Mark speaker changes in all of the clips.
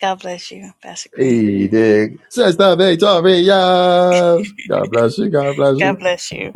Speaker 1: God bless you, Pastor Green. Amen.
Speaker 2: Edig. Sexta-feira, victorious! God bless you, God bless you.
Speaker 1: God bless you.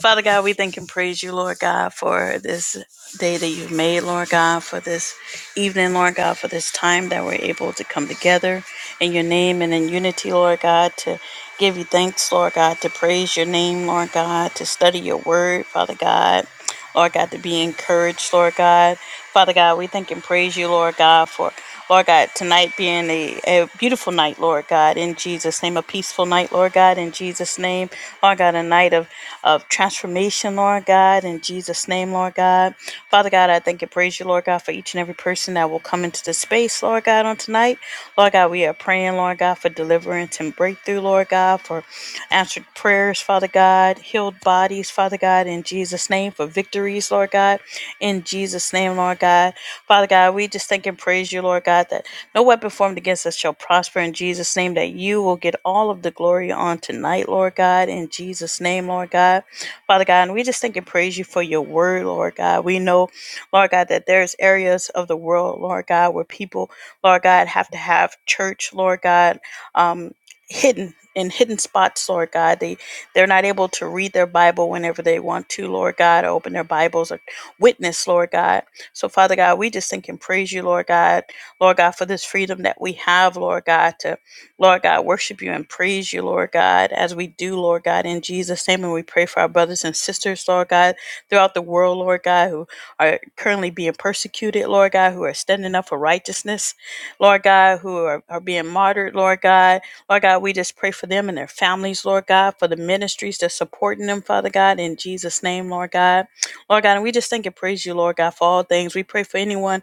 Speaker 1: Father God, we thank and praise you, Lord God, for this day that you've made, Lord God, for this evening, Lord God, for this time that we're able to come together in your name and in unity, Lord God, to give you thanks, Lord God, to praise your name, Lord God, to study your word, Father God. Lord God, to be encouraged, Lord God. Father God, we thank and praise you, Lord God, for Lord God, tonight being a, a beautiful night, Lord God, in Jesus' name, a peaceful night, Lord God, in Jesus' name. Lord God, a night of, of transformation, Lord God, in Jesus' name, Lord God. Father God, I thank and praise you, Lord God, for each and every person that will come into the space, Lord God, on tonight. Lord God, we are praying, Lord God, for deliverance and breakthrough, Lord God, for answered prayers, Father God, healed bodies, Father God, in Jesus' name, for victories, Lord God, in Jesus' name, Lord God. Father God, we just thank and praise you, Lord God, that no weapon formed against us shall prosper in Jesus' name, that you will get all of the glory on tonight, Lord God, in Jesus' name, Lord God. Father God, and we just thank and praise you for your word, Lord God. We know, Lord God, that there's areas of the world, Lord God, where people, Lord God, have to have church, Lord God, um, hidden in hidden spots, Lord God. They they're not able to read their Bible whenever they want to, Lord God, or open their Bibles or witness, Lord God. So, Father God, we just thank and praise you, Lord God, Lord God, for this freedom that we have, Lord God, to, Lord God, worship you and praise you, Lord God, as we do, Lord God, in Jesus' name. And we pray for our brothers and sisters, Lord God, throughout the world, Lord God, who are currently being persecuted, Lord God, who are standing up for righteousness, Lord God, who are, are being martyred, Lord God. Lord God, we just pray for them and their families, Lord God, for the ministries that's supporting them, Father God, in Jesus' name, Lord God. Lord God, and we just thank and praise you, Lord God, for all things. We pray for anyone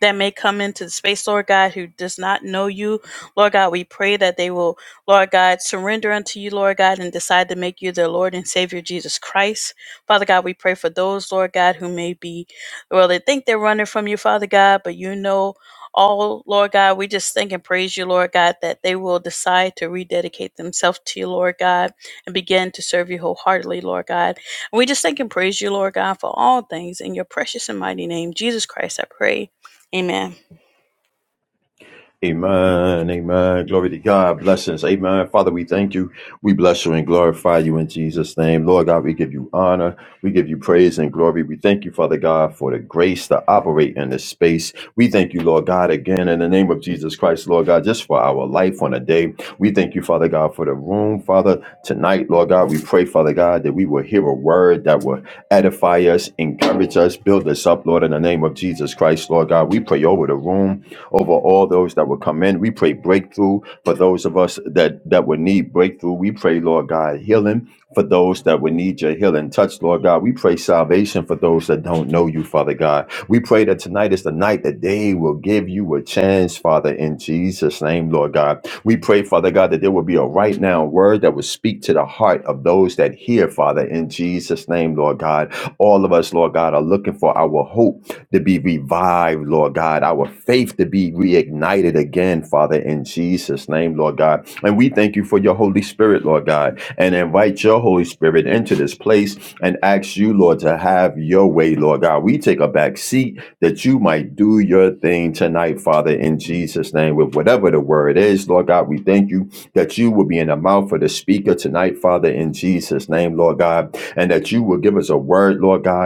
Speaker 1: that may come into the space, Lord God, who does not know you. Lord God, we pray that they will, Lord God, surrender unto you, Lord God, and decide to make you their Lord and Savior, Jesus Christ. Father God, we pray for those, Lord God, who may be, well, they think they're running from you, Father God, but you know all, Lord God. We just thank and praise you, Lord God, that they will decide to rededicate themselves to you, Lord God, and begin to serve you wholeheartedly, Lord God. And we just thank and praise you, Lord God, for all things. In your precious and mighty name, Jesus Christ, I pray. Amen.
Speaker 2: Amen. Amen. Glory to God. Blessings. Amen. Father, we thank you. We bless you and glorify you in Jesus' name. Lord God, we give you honor. We give you praise and glory. We thank you, Father God, for the grace to operate in this space. We thank you, Lord God, again in the name of Jesus Christ, Lord God, just for our life on a day. We thank you, Father God, for the room, Father, tonight, Lord God. We pray, Father God, that we will hear a word that will edify us, encourage us, build us up, Lord, in the name of Jesus Christ, Lord God. We pray over the room over all those that will come in. We pray breakthrough for those of us that, that would need breakthrough. We pray, Lord God, healing for those that would need your healing touch, Lord God. We pray salvation for those that don't know you, Father God. We pray that tonight is the night that they will give you a chance, Father, in Jesus' name, Lord God. We pray, Father God, that there will be a right now word that will speak to the heart of those that hear, Father, in Jesus' name, Lord God. All of us, Lord God, are looking for our hope to be revived, Lord God, our faith to be reignited again, Father, in Jesus' name, Lord God. And we thank you for your Holy Spirit, Lord God, and invite your Holy Spirit into this place and ask you, Lord, to have your way, Lord God. We take a back seat that you might do your thing tonight, Father, in Jesus' name, with whatever the word is, Lord God. We thank you that you will be in the mouth of the speaker tonight, Father, in Jesus' name, Lord God, and that you will give us a word, Lord God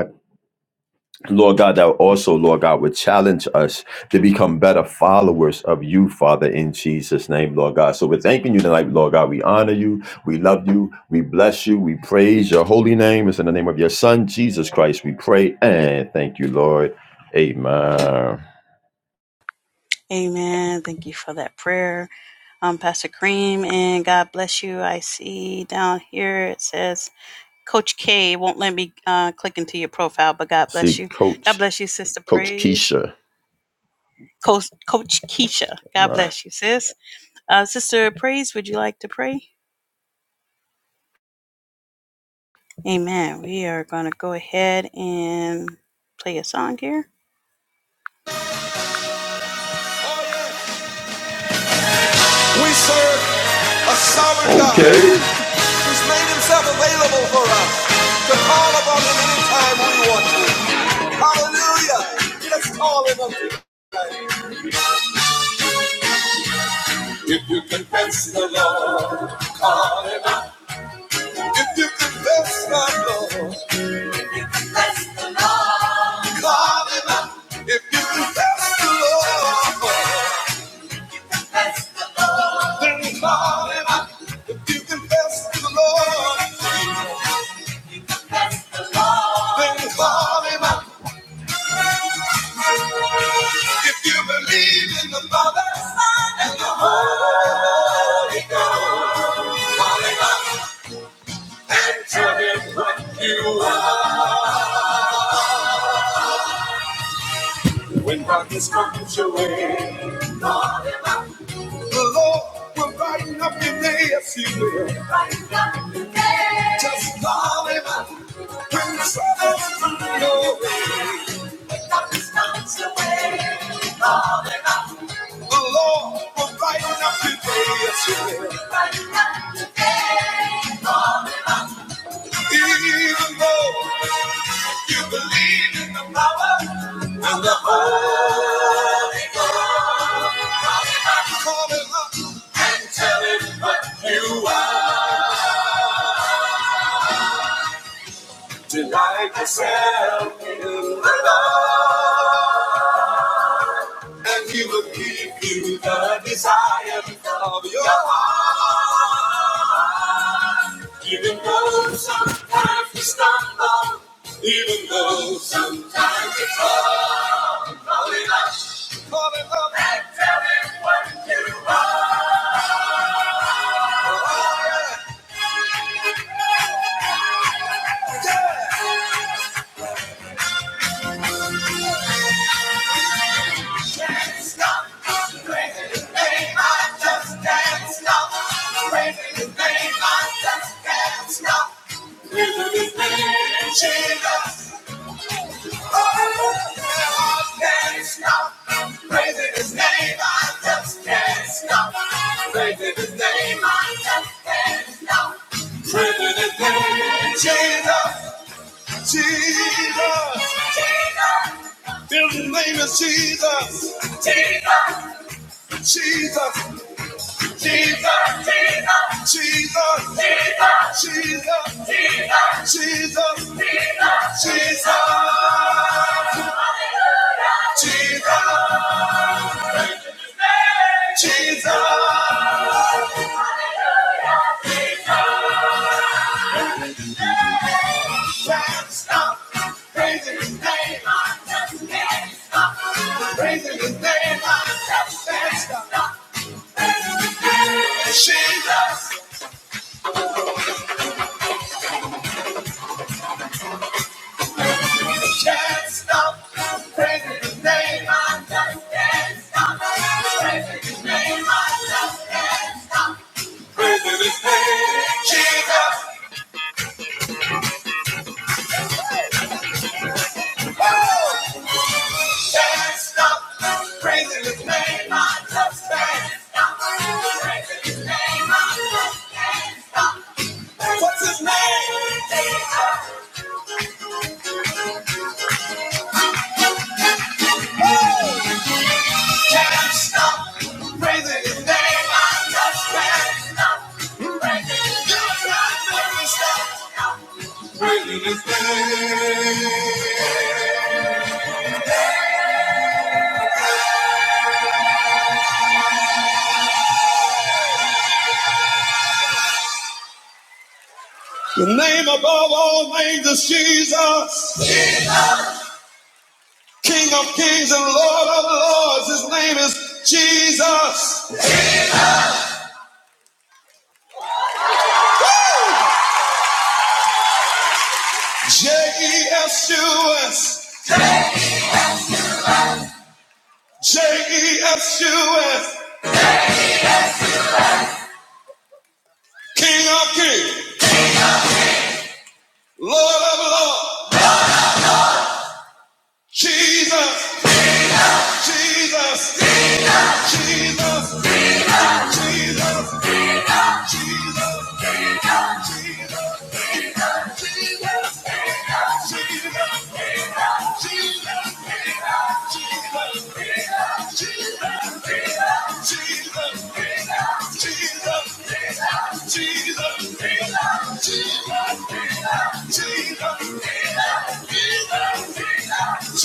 Speaker 2: Lord God, that also, Lord God, would challenge us to become better followers of you, Father, in Jesus' name, Lord God. So we're thanking you tonight, Lord God. We honor you. We love you. We bless you. We praise your holy name. It's in the name of your Son, Jesus Christ, we pray and thank you, Lord. Amen.
Speaker 1: Amen. Thank you for that prayer, um, Pastor Cream, and God bless you. I see down here it says Coach K won't let me uh, click into your profile, but God bless
Speaker 2: See,
Speaker 1: you. God
Speaker 2: Coach,
Speaker 1: bless you, Sister
Speaker 2: Coach
Speaker 1: Praise.
Speaker 2: Keisha.
Speaker 1: Coach, Coach Keisha, God
Speaker 2: Wow.
Speaker 1: bless you, sis. Uh, Sister Praise, would you like to pray? Amen. We are going to go ahead and play a song here. We serve a sovereign God. Okay.
Speaker 2: Okay.
Speaker 1: He's made himself available for us to call upon him anytime we want to. Hallelujah. Let's call him up tonight. If you confess the Lord, call him. If you confess the Lord, let's call him up. If you confess the Lord, then call him up. If you confess the Lord, then call him up. If you believe in the Father, Son, and the Holy Ghost, come and tell him what you are. When darkness comes your way, the Lord will brighten up your day. Yes, He will. Brighten up your day. Just call Him up when the troubles come your way. When darkness comes your way, call Him up. The Lord will brighten up your day. Yes, He will. Brighten up your day. Even though you believe in the power of the Holy Ghost, I'm calling up and tell him what you are. Delight yourself in the Lord. And he will give you the desire of your heart. Even though sometimes we stumble, even though sometimes we fall, call it up, call it up, and tell him what you are. Yeah. Dance now, I'm praising His name. I just dance now, praising His name. I just dance now, praising His name. Jesus. Jesus, Jesus, his name is Jesus. Jesus. Jesus. Jesus. Jesus. Jesus. Jesus. Jesus. Jesus. Jesus. Jesus. Jesus. Praise his name. Praise his name. Jesus. Can't stop praising His name. I just can't stop praising His name. I just can't stop praising name. Jesus, oh, can't stop praising His name. I just can't stop praising His name. I just can't stop. What's His name? Jesus. Hey! Can't stop praising His name. I just can't stop praising His name. You can't stop praising His name. The name above all names is Jesus, King of kings and Lord of lords. His name is Jesus. J E S U S. J E S U S. King of kings, Lord of lords. Jesus, Jesus, Jesus. Jesus, Jesus, Jesus, Jesus,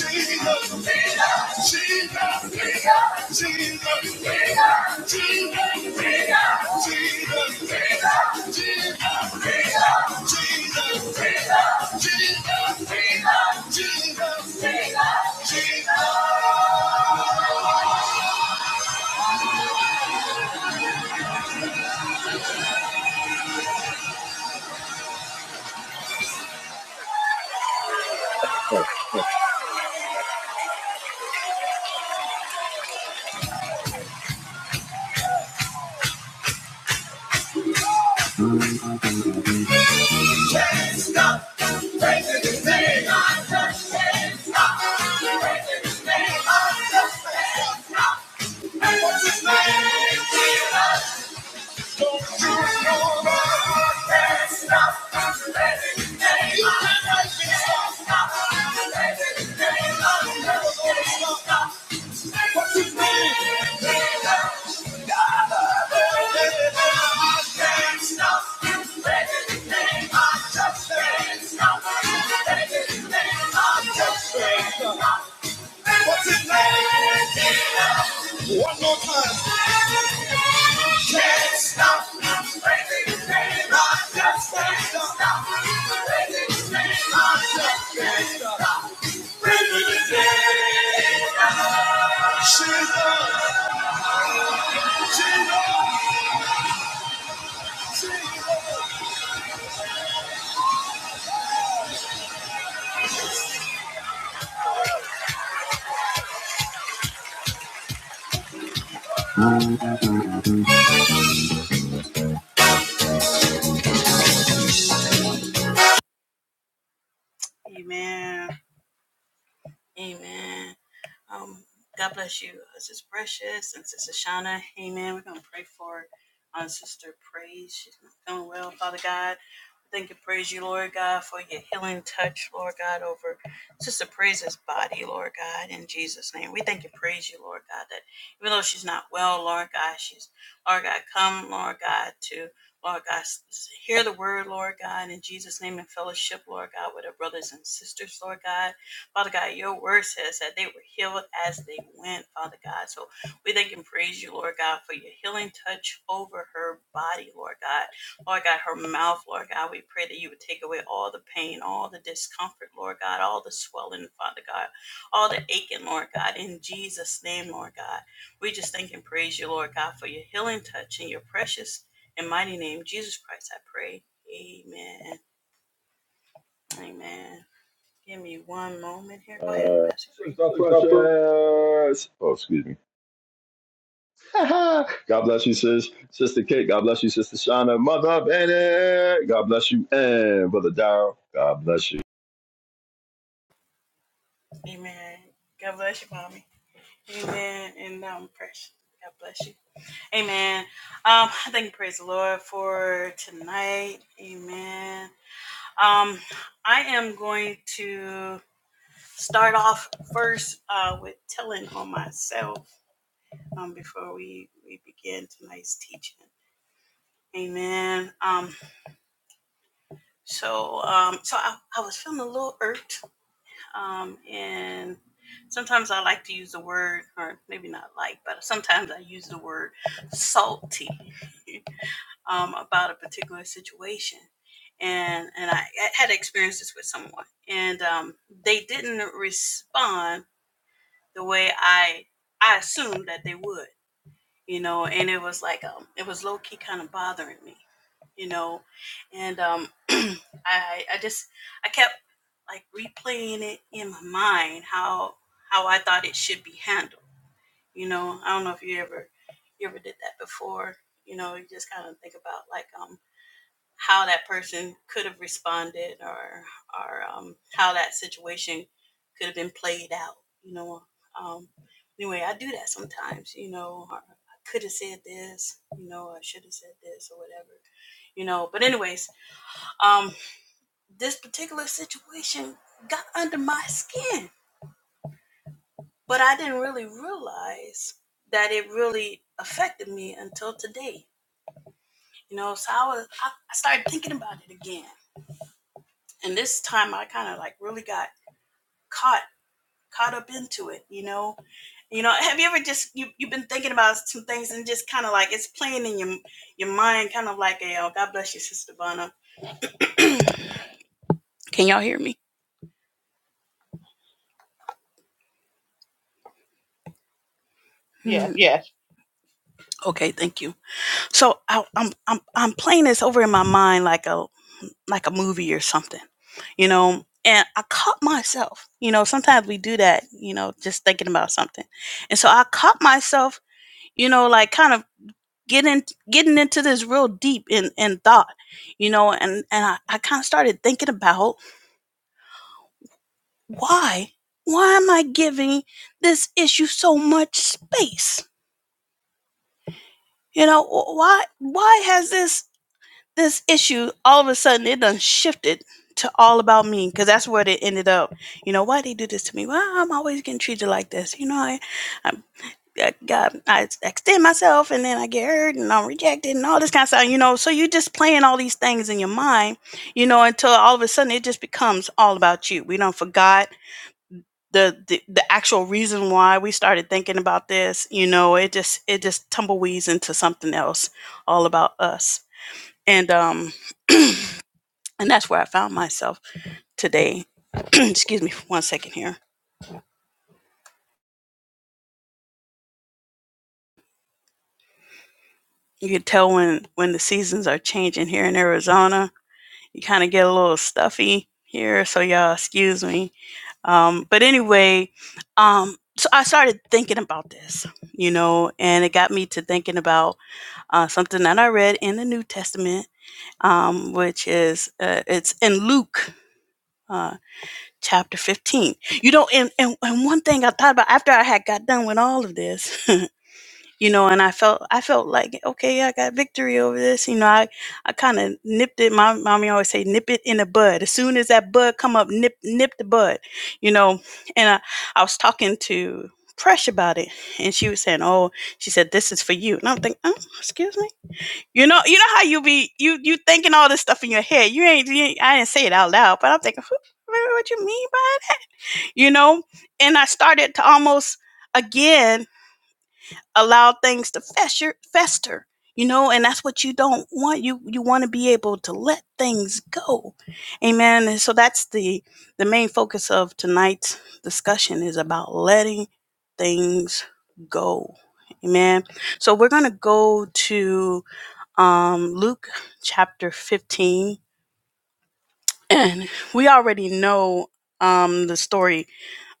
Speaker 1: can't stop praising his name. I just can't stop praising his name. I just can't stop. And what's his name? Jesus. Stop. What's his name? One more time. Can't stop the crazy train. I just can't stop the crazy train. I just can't stop the crazy train. She's a- Amen. Amen. Um, God bless you, uh, Sister Precious and Sister Shauna. Amen. We're going to pray for our sister Praise. She's not feeling well, Father God. Thank and praise you, Lord God, for your healing touch, Lord God, over Sister Praise's body, Lord God, in Jesus' name. We thank and praise you, Lord God, that even though she's not well, Lord God, she's, Lord God, come, Lord God, to, Lord God, hear the word, Lord God, in Jesus' name, and fellowship, Lord God, with her brothers and sisters, Lord God. Father God, your word says that they were healed as they went, Father God. So we thank and praise you, Lord God, for your healing touch over her body, Lord God Lord God, her mouth, Lord God, we pray that you would take away all the pain, all the discomfort, Lord God, all the swelling, Father God, all the aching, Lord God, in Jesus' name, Lord God. We just thank and praise you, Lord God, for your healing touch in your precious and mighty name, Jesus Christ, I pray. Amen. Amen. Give me one moment here. Go
Speaker 3: Uh,
Speaker 1: ahead, Uh, Pastor Green.
Speaker 3: Sister
Speaker 1: so
Speaker 3: Precious. Oh, excuse me. God bless you, sis. Sister Kate. God bless you, Sister Shauna. Mother Bennett. God bless you. And Brother Darrell. God bless you.
Speaker 1: Amen. God bless you, Mommy. Amen. And um, precious. God bless you. Amen. Um, I thank and praise the Lord for tonight. Amen. Um, I am going to start off first uh, with telling on myself um, before we, we begin tonight's teaching. Amen. Um, so um, so I, I was feeling a little irked, um, and sometimes I like to use the word, or maybe not like, but sometimes I use the word salty. um, about a particular situation. And, and I had experienced this with someone, and um, they didn't respond the way I I assumed that they would, you know. And it was like um, it was low key kind of bothering me, you know. And um, I I just I kept like replaying it in my mind how how I thought it should be handled, you know. I don't know if you ever you ever did that before, you know. You just kind of think about like um how that person could have responded or or um, how that situation could have been played out. You know, um, anyway, I do that sometimes. You know, or I could have said this. You know, I should have said this or whatever. You know, but anyways, um, this particular situation got under my skin, but I didn't really realize that it really affected me until today. You know, so I was I, I started thinking about it again and this time I kind of like really got caught caught up into it, you know. You know, have you ever just you you've been thinking about some things and just kind of like it's playing in your your mind, kind of like a oh, God bless you, Sister Vanna. Can y'all hear me?
Speaker 4: Yes,
Speaker 1: Hmm. Yeah. Okay, thank you. So I, I'm I'm I'm playing this over in my mind like a like a movie or something, you know. And I caught myself, you know. Sometimes we do that, you know, just thinking about something. And so I caught myself, you know, like kind of getting getting into this real deep in in thought you know and and i, I kind of started thinking about why why am i giving this issue so much space you know why why has this this issue all of a sudden it done shifted to all about me because that's where it ended up you know why they do this to me why i'm always getting treated like this you know I, I I got I extend myself and then I get hurt and I'm rejected and all this kind of stuff, you know. So you're just playing all these things in your mind, you know, until all of a sudden it just becomes all about you. We don't forgot the, the the actual reason why we started thinking about this, you know, it just it just tumbleweeds into something else all about us. And um and that's where I found myself today. Excuse me for one second here. You can tell when when the seasons are changing here in Arizona you kind of get a little stuffy here, so y'all excuse me. Um, but anyway, um, so I started thinking about this, you know, and it got me to thinking about uh, something that I read in the New Testament, um, which is uh, it's in Luke. Uh, chapter 15 you know and, and and one thing i thought about after i had got done with all of this you know and i felt i felt like okay i got victory over this you know i i kind of nipped it my mommy always say nip it in the bud as soon as that bud come up nip nip the bud you know and i i was talking to Presh about it and she was saying oh she said this is for you and i'm thinking oh, excuse me you know you know how you be you you thinking all this stuff in your head you ain't, you ain't i didn't say it out loud but i'm thinking "Who- what you mean by you know and i started to almost again allow things to fester, fester you know and that's what you don't want you you want to be able to let things go amen and so that's the the main focus of tonight's discussion is about letting things go amen so we're going to go to um, luke chapter 15 and we already know um, the story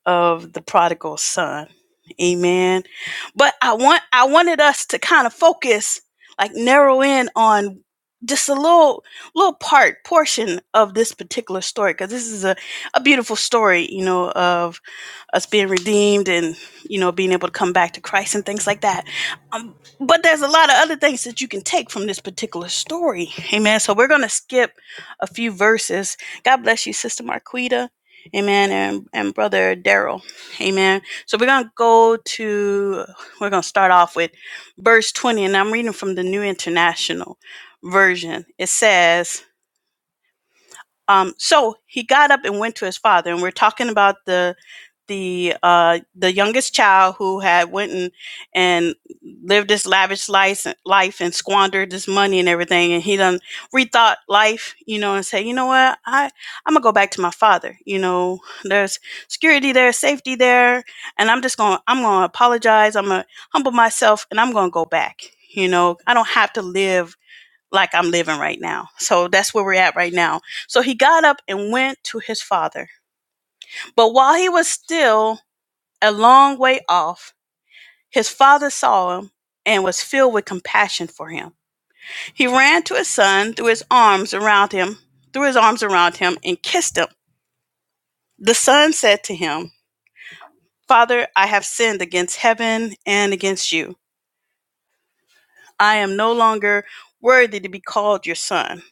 Speaker 1: of the prodigal son. Amen. But I want I wanted us to kind of focus, like narrow in on just a little little part portion of this particular story because this is a, a beautiful story you know of us being redeemed and you know being able to come back to christ and things like that um, but there's a lot of other things that you can take from this particular story amen so we're going to skip a few verses god bless you sister marquita Amen. And, and Brother Daryl. Amen. So we're going to go to, we're going to start off with verse 20, and I'm reading from the New International Version. It says, um, so he got up and went to his father, and we're talking about the the uh, the youngest child who had went and, and lived this lavish life, life and squandered this money and everything, and he done rethought life, you know, and say, you know what, I I'm gonna go back to my father. You know, there's security there, safety there, and I'm just gonna I'm gonna apologize. I'm gonna humble myself, and I'm gonna go back. You know, I don't have to live like I'm living right now. So that's where we're at right now. So he got up and went to his father. But while he was still a long way off, his father saw him and was filled with compassion for him. He ran to his son, threw his arms around him, threw his arms around him and kissed him. The son said to him, "Father, I have sinned against heaven and against you. I am no longer worthy to be called your son."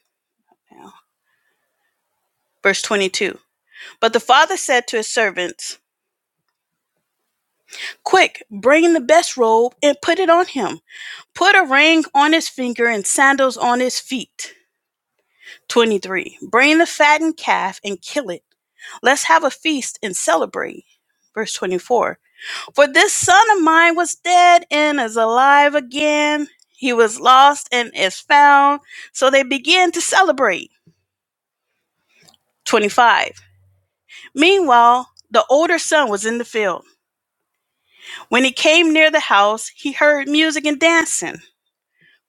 Speaker 1: Verse 22. But the father said to his servants, Quick, bring the best robe and put it on him. Put a ring on his finger and sandals on his feet. 23. Bring the fattened calf and kill it. Let's have a feast and celebrate. Verse 24. For this son of mine was dead and is alive again. He was lost and is found. So they began to celebrate. 25. Meanwhile, the older son was in the field. When he came near the house, he heard music and dancing.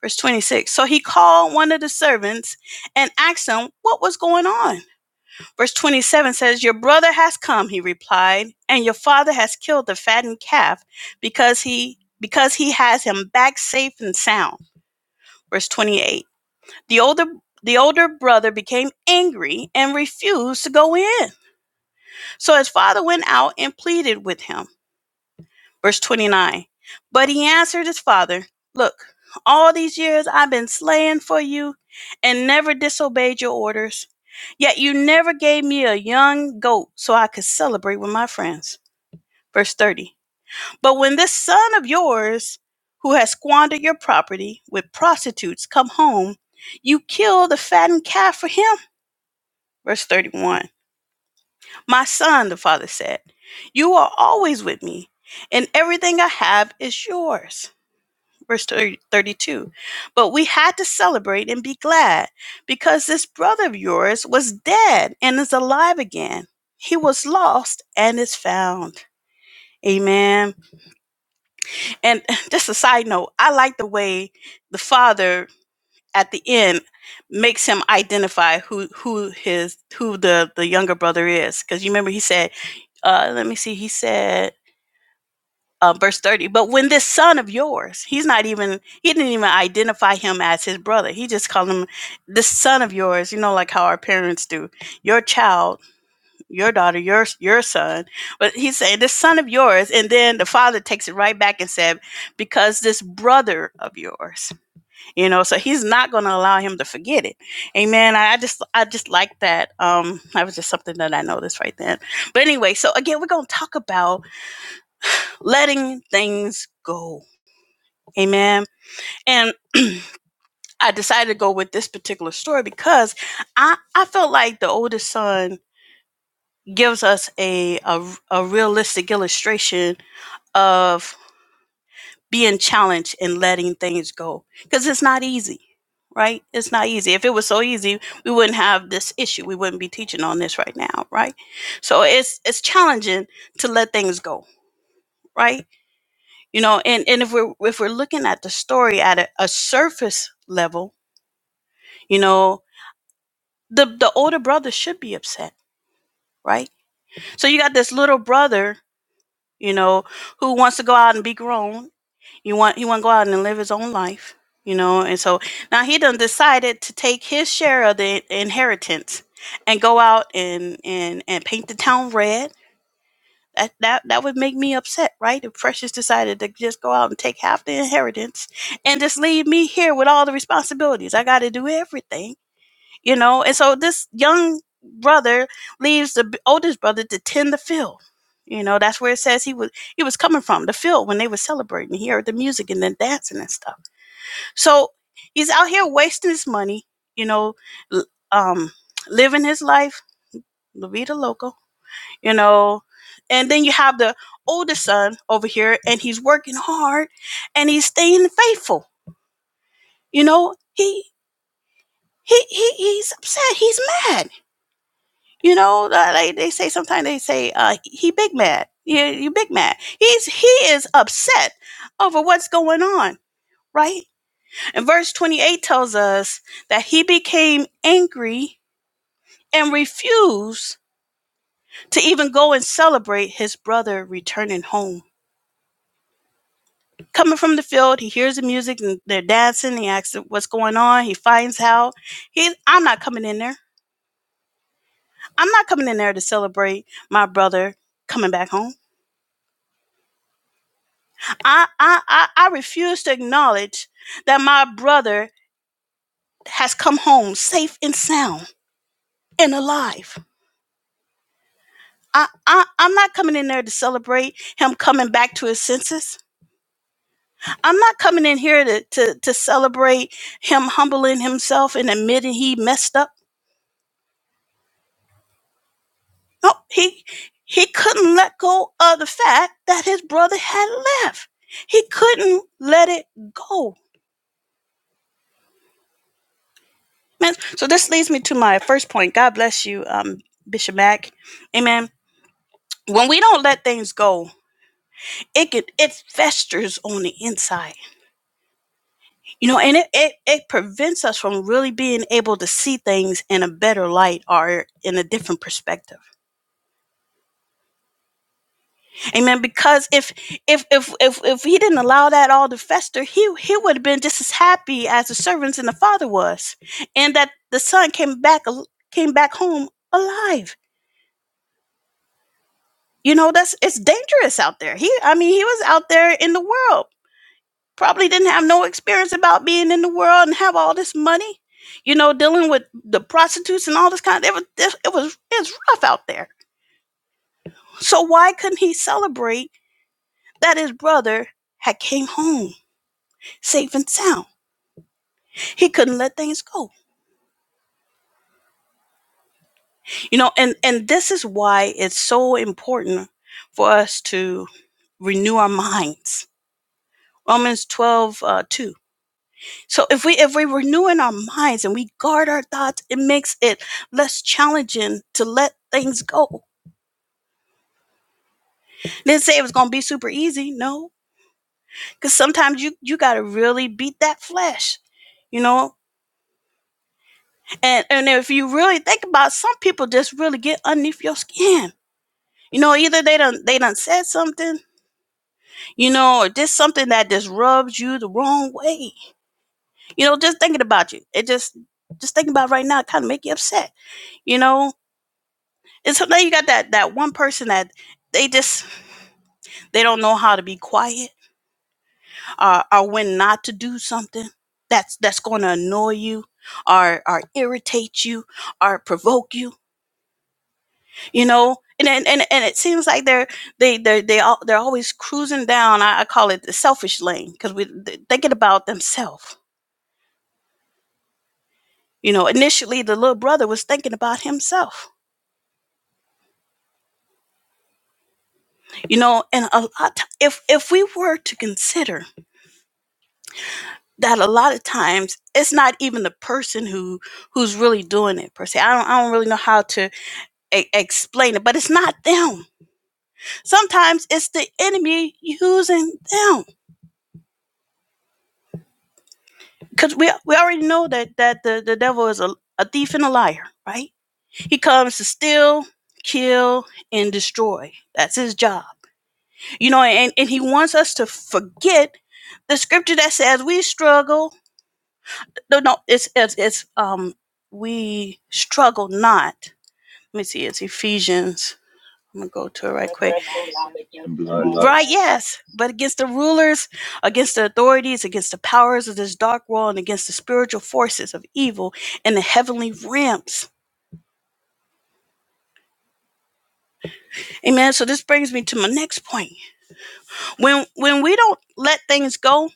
Speaker 1: Verse 26. So he called one of the servants and asked him what was going on. Verse 27 says, Your brother has come, he replied, and your father has killed the fattened calf because he because he has him back safe and sound. Verse 28. The older the older brother became angry and refused to go in. So his father went out and pleaded with him. Verse 29 But he answered his father, Look, all these years I've been slaying for you and never disobeyed your orders. Yet you never gave me a young goat so I could celebrate with my friends. Verse 30 But when this son of yours, who has squandered your property with prostitutes, come home, you kill the fattened calf for him. Verse 31 My son, the father said, You are always with me, and everything I have is yours. verse 32. But we had to celebrate and be glad because this brother of yours was dead and is alive again. He was lost and is found. Amen. And just a side note, I like the way the father at the end makes him identify who who his who the the younger brother is because you remember he said uh let me see he said uh, verse 30 but when this son of yours he's not even he didn't even identify him as his brother he just called him this son of yours you know like how our parents do your child your daughter your your son but he's saying this son of yours and then the father takes it right back and said because this brother of yours you know so he's not going to allow him to forget it amen i, I just i just like that um that was just something that i noticed right then but anyway so again we're going to talk about letting things go Amen. And I decided to go with this particular story because I, I felt like the oldest son gives us a, a, a realistic illustration of being challenged and letting things go because it's not easy, right? It's not easy. If it was so easy, we wouldn't have this issue. We wouldn't be teaching on this right now, right? So it's it's challenging to let things go, right? You know, and, and if we're if we're looking at the story at a, a surface level, you know, the the older brother should be upset, right? So you got this little brother, you know, who wants to go out and be grown. You want he want to go out and live his own life, you know. And so now he done decided to take his share of the inheritance and go out and and and paint the town red. That that that would make me upset, right? If Precious decided to just go out and take half the inheritance and just leave me here with all the responsibilities. I got to do everything you know and so this young brother leaves the oldest brother to tend the field you know that's where it says he was he was coming from the field when they were celebrating he heard the music and then dancing and stuff so he's out here wasting his money you know um living his life la vida loca you know and then you have the oldest son over here and he's working hard and he's staying faithful you know he he, he he's upset he's mad You know, uh, like they say sometimes they say uh, he big mad. Yeah, you big mad. He's he is upset over what's going on, right? And verse 28 tells us that he became angry and refused to even go and celebrate his brother returning home. Coming from the field, he hears the music and they're dancing. He asks what's going on. He finds out. He, I'm not coming in there. I'm not coming in there to celebrate my brother coming back home. I, I, I, I refuse to acknowledge that my brother has come home safe and sound and alive. I, I, I'm not coming in there to celebrate him coming back to his senses. I'm not coming in here to, to, to celebrate him humbling himself and admitting he messed up. No, he he couldn't let go of the fact that his brother had left. He couldn't let it go Amen. So this leads me to my first point. God bless you, um, Bishop Mack. Amen. When we don't let things go, it can, it festers on the inside, you know, and it, it it prevents us from really being able to see things in a better light or in a different perspective. Amen. Because if if if if if he didn't allow that all to fester, he he would have been just as happy as the servants and the father was, and that the son came back came back home alive you know that's it's dangerous out there he i mean he was out there in the world probably didn't have no experience about being in the world and have all this money you know dealing with the prostitutes and all this kind of it was it, it was it's rough out there so why couldn't he celebrate that his brother had came home safe and sound he couldn't let things go you know and and this is why it's so important for us to renew our minds romans 12 uh, 2 So if we if we renew in our minds and we guard our thoughts, it makes it less challenging to let things go. Didn't say it was gonna be super easy, no. Cause sometimes you you gotta really beat that flesh, you know? And and if you really think about it, some people just really get underneath your skin. You know, either they done they done said something, you know, or just something that just rubs you the wrong way. You know, just thinking about you. It just just thinking about it right now kind of make you upset, you know And so now you got that that one person that they just they don't know how to be quiet or or when not to do something that's that's going to annoy you or or irritate you or provoke you, you know. And and and, and it seems like they're they they they all, they're always cruising down. I, I call it the selfish lane because we they're thinking about themselves. You know, initially the little brother was thinking about himself. You know, and a lot if if we were to consider that a lot of times it's not even the person who who's really doing it per se. I don't I don't really know how to e- explain it, but it's not them. Sometimes it's the enemy using them because we we already know that that the the devil is a, a thief and a liar, right? He comes to steal, kill, and destroy. That's his job, you know. And and he wants us to forget the scripture that says we struggle. No, no, it's it's, it's um we struggle not Let me see. It's Ephesians. I'm gonna go to it right quick.
Speaker 4: wrestle not against flesh
Speaker 3: And
Speaker 4: and
Speaker 3: blood.
Speaker 1: like,
Speaker 4: blood.
Speaker 1: Right, yes, but against the rulers, against the authorities, against the powers of this dark world, and against the spiritual forces of evil in the heavenly realms. Amen. So this brings me to my next point. When when we don't let things go,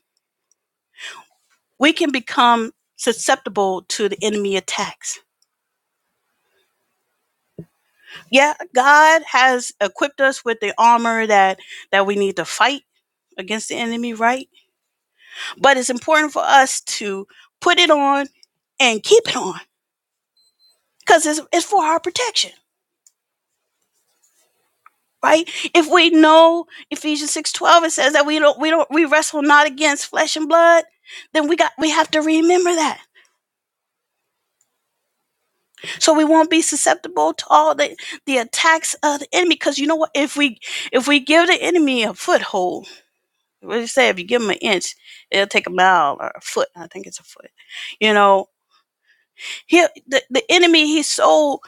Speaker 1: we can become susceptible to the enemy attacks. Yeah, God has equipped us with the armor that that we need to fight against the enemy, right? but it's important for us to put it on and keep it on because it's, it's for our protection right if we know ephesians 6 12, it says that we don't we don't we wrestle not against flesh and blood then we got we have to remember that so we won't be susceptible to all the the attacks of the enemy because you know what if we if we give the enemy a foothold what do you say if you give him an inch it'll take a mile or a foot i think it's a foot you know he the, the enemy he's so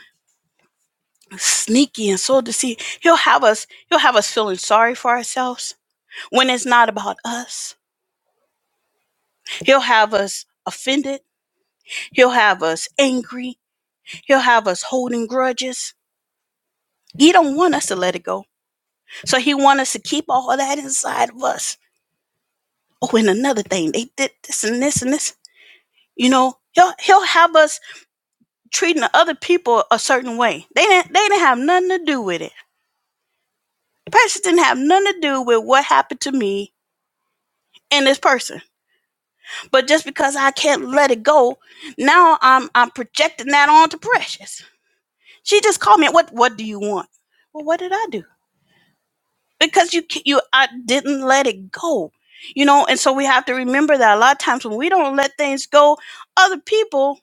Speaker 1: sneaky and so deceived. He'll have us, he'll have us feeling sorry for ourselves when it's not about us. He'll have us offended. He'll have us angry. He'll have us holding grudges. He don't want us to let it go. So he want us to keep all of that inside of us. Oh, and another thing, they did this and this and this. You know, he'll he'll have us treating the other people a certain way. They didn't they didn't have nothing to do with it. The person didn't have nothing to do with what happened to me and this person But just because I can't let it go, now I'm I'm projecting that onto Precious. She just called me. What What do you want? Well, what did I do? Because you ca- you I didn't let it go, you know. And so we have to remember that a lot of times when we don't let things go, other people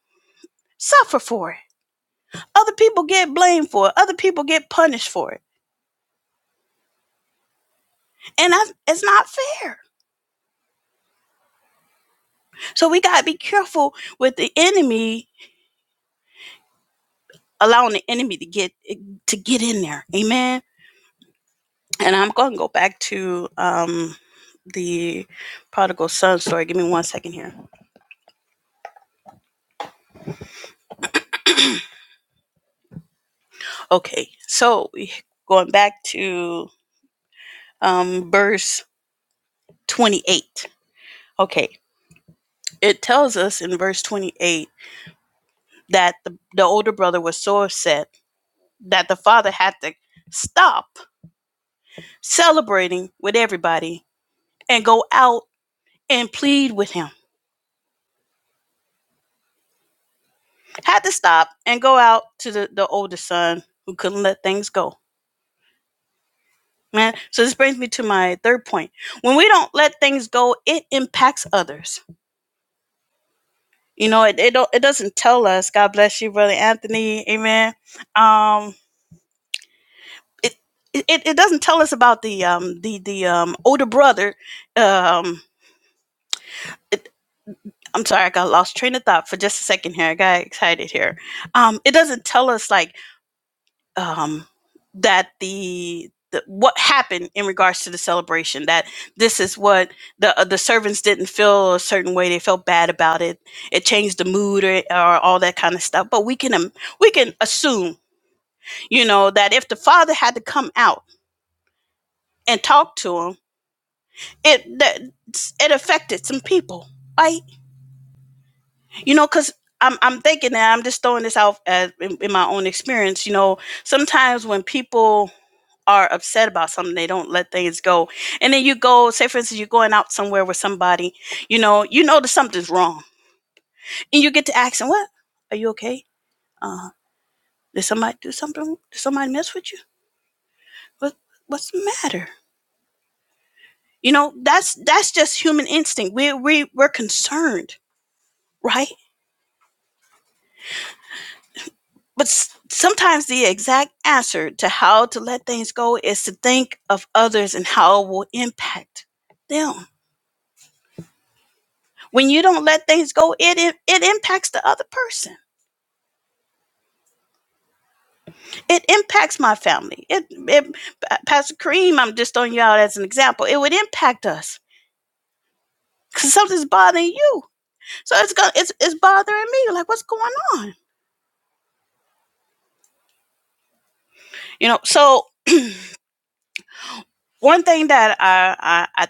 Speaker 1: suffer for it. Other people get blamed for it. Other people get punished for it, and that's it's not fair. So we gotta be careful with the enemy, allowing the enemy to get to get in there. Amen And I'm going to go back to um, the prodigal son story. Give me one second here. Okay, so we- going back to um, verse 28. Okay, it tells us in verse 28 that the, the older brother was so upset that the father had to stop celebrating with everybody and go out and plead with him. Had to stop and go out to the, the older son who couldn't let things go Man, so this brings me to my third point. When we don't let things go, it impacts others. You know, it it, don't, it doesn't tell us. God bless you, brother Anthony. Amen. Um, it it, it doesn't tell us about the um the the um older brother. Um, it, I'm sorry, I got lost train of thought for just a second here. I got excited here. Um, it doesn't tell us like um, that the, the what happened in regards to the celebration that this is what the uh, the servants didn't feel a certain way they felt bad about it it changed the mood or, or all that kind of stuff but we can um, we can assume you know that if the father had to come out and talk to him it that it affected some people right you know because I'm, I'm thinking that I'm just throwing this out as, in, in my own experience. You know, sometimes when people are upset about something they don't let things go and then you go say for instance you're going out somewhere with somebody you know you know that something's wrong and you get to ask them what are you okay uh did somebody do something did somebody mess with you what what's the matter you know that's that's just human instinct we, we we're concerned right but s- sometimes the exact answer to how to let things go is to think of others and how it will impact them When you don't let things go, it, it it impacts the other person. It impacts my family. It, it Pastor Kareem, I'm just throwing you out as an example. It would impact us because something's bothering you. So it's going it's it's bothering me. Like what's going on? You know. So one thing that I I, I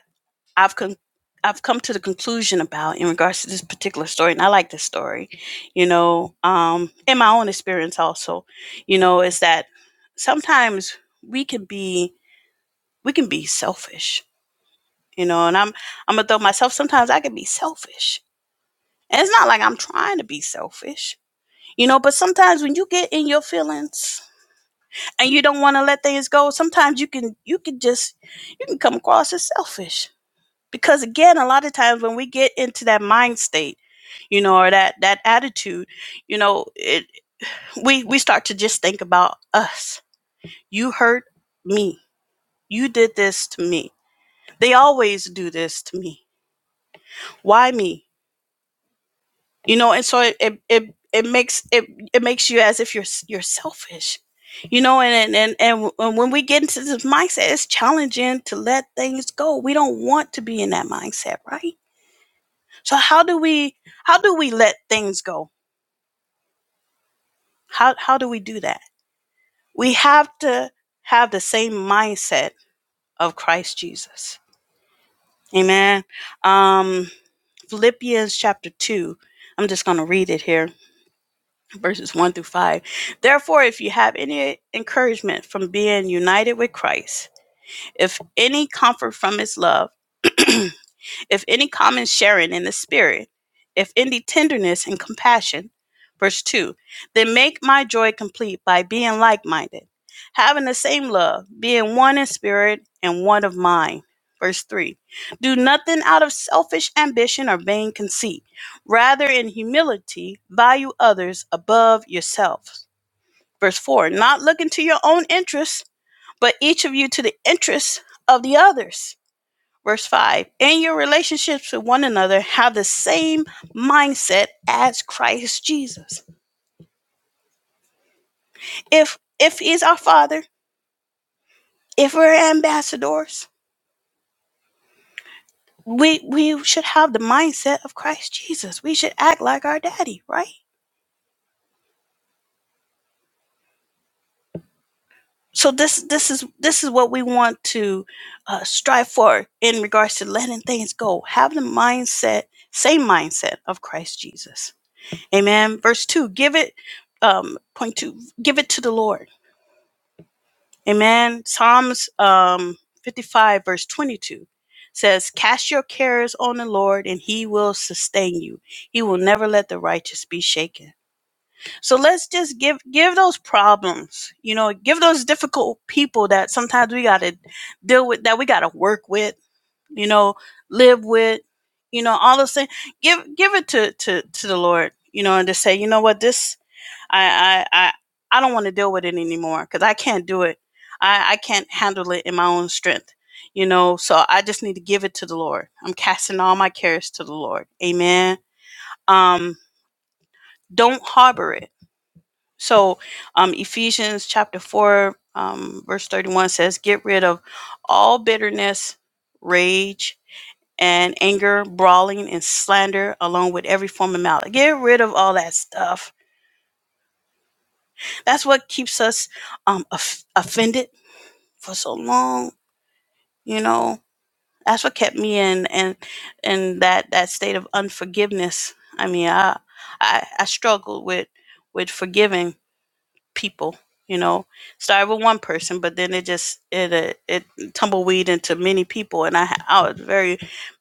Speaker 1: I've con- I've come to the conclusion about in regards to this particular story, and I like this story, you know, um, in my own experience also, you know, is that sometimes we can be we can be selfish, you know, and I'm I'm gonna throw myself sometimes I can be selfish. And it's not like I'm trying to be selfish, you know, but sometimes when you get in your feelings and you don't want to let things go, sometimes you can you can just you can come across as selfish. Because again, a lot of times when we get into that mind state, you know, or that that attitude, you know, it we we start to just think about us. You hurt me. You did this to me. They always do this to me. Why me? you know and so it it it, it makes it it makes you as if you're s- you're selfish you know and and and and when we get into this mindset it's challenging to let things go we don't want to be in that mindset right so how do we how do we let things go how how do we do that we have to have the same mindset of christ jesus amen um philippians chapter 2 i'm just going to read it here verses 1 through 5. Therefore, if you have any encouragement from being united with Christ, if any comfort from his love, if any common sharing in the Spirit, if any tenderness and compassion. Verse 2 Then make my joy complete by being like minded, having the same love, being one in spirit and one of mind. Verse 3 Do nothing out of selfish ambition or vain conceit. Rather, in humility, value others above yourselves. Verse 4 Not looking to your own interests, but each of you to the interests of the others. Verse 5 And your relationships with one another have the same mindset as Christ Jesus. If if he's our father, if we're ambassadors, we we should have the mindset of Christ Jesus. We should act like our daddy, right? So this this is this is what we want to uh, strive for in regards to letting things go. Have the mindset, same mindset of Christ Jesus. Amen. Verse two, give it um, point two, give it to the Lord Amen. Psalms um, 55, verse 22 says, Cast your cares on the Lord, and he will sustain you. He will never let the righteous be shaken. So let's just give give those problems, you know, give those difficult people that sometimes we got to deal with, that we got to work with, you know, live with, you know, all those things. Give give it to to to the Lord, you know, and just say, you know what, this I I I, I don't want to deal with it anymore because I can't do it. I, I can't handle it in my own strength. You know, so I just need to give it to the Lord. I'm casting all my cares to the Lord. Amen. Um, don't harbor it. So um Ephesians chapter four, um, verse thirty-one says, Get rid of all bitterness, rage, and anger, brawling, and slander, along with every form of malice. Get rid of all that stuff. That's what keeps us um, of- offended. for so long you know that's what kept me in and in, in that that state of unforgiveness i mean i i, I struggled with with forgiving people you know started with one person but then it just it uh, it tumbleweed into many people and i i was very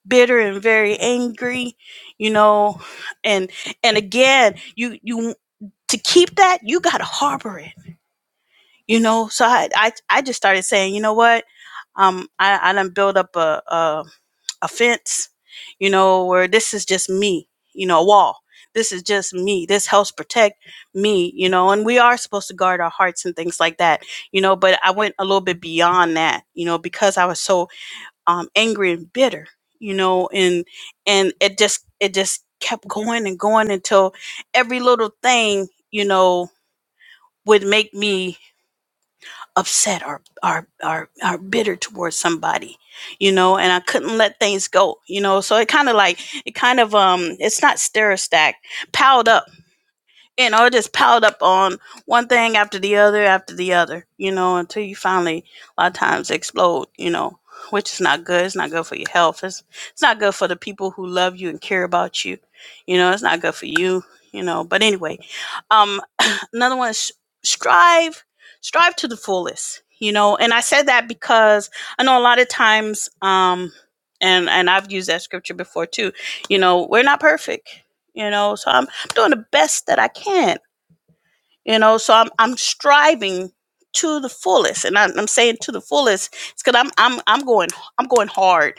Speaker 1: bitter and very angry you know and and again you you to keep that you got to harbor it you know so i i, I just started saying you know what um i i done build up a, a a fence you know where this is just me you know a wall this is just me this helps protect me you know and we are supposed to guard our hearts and things like that you know but i went a little bit beyond that you know because i was so um angry and bitter you know and and it just it just kept going and going until every little thing you know would make me upset or or or, or bitter towards somebody you know and i couldn't let things go you know so it kind of like it kind of um it's not stir stack piled up you know, it just piled up on one thing after the other after the other, you know, until you finally a lot of times explode, you know, which is not good. It's not good for your health. It's it's not good for the people who love you and care about you. You know, it's not good for you, you know. But anyway, um another one is strive strive to the fullest, you know. And I said that because I know a lot of times um and and I've used that scripture before too. You know, we're not perfect. You know, so I'm doing the best that I can, you know. So I'm I'm striving to the fullest, and I'm, I'm saying to the fullest, it's because I'm I'm I'm going I'm going hard.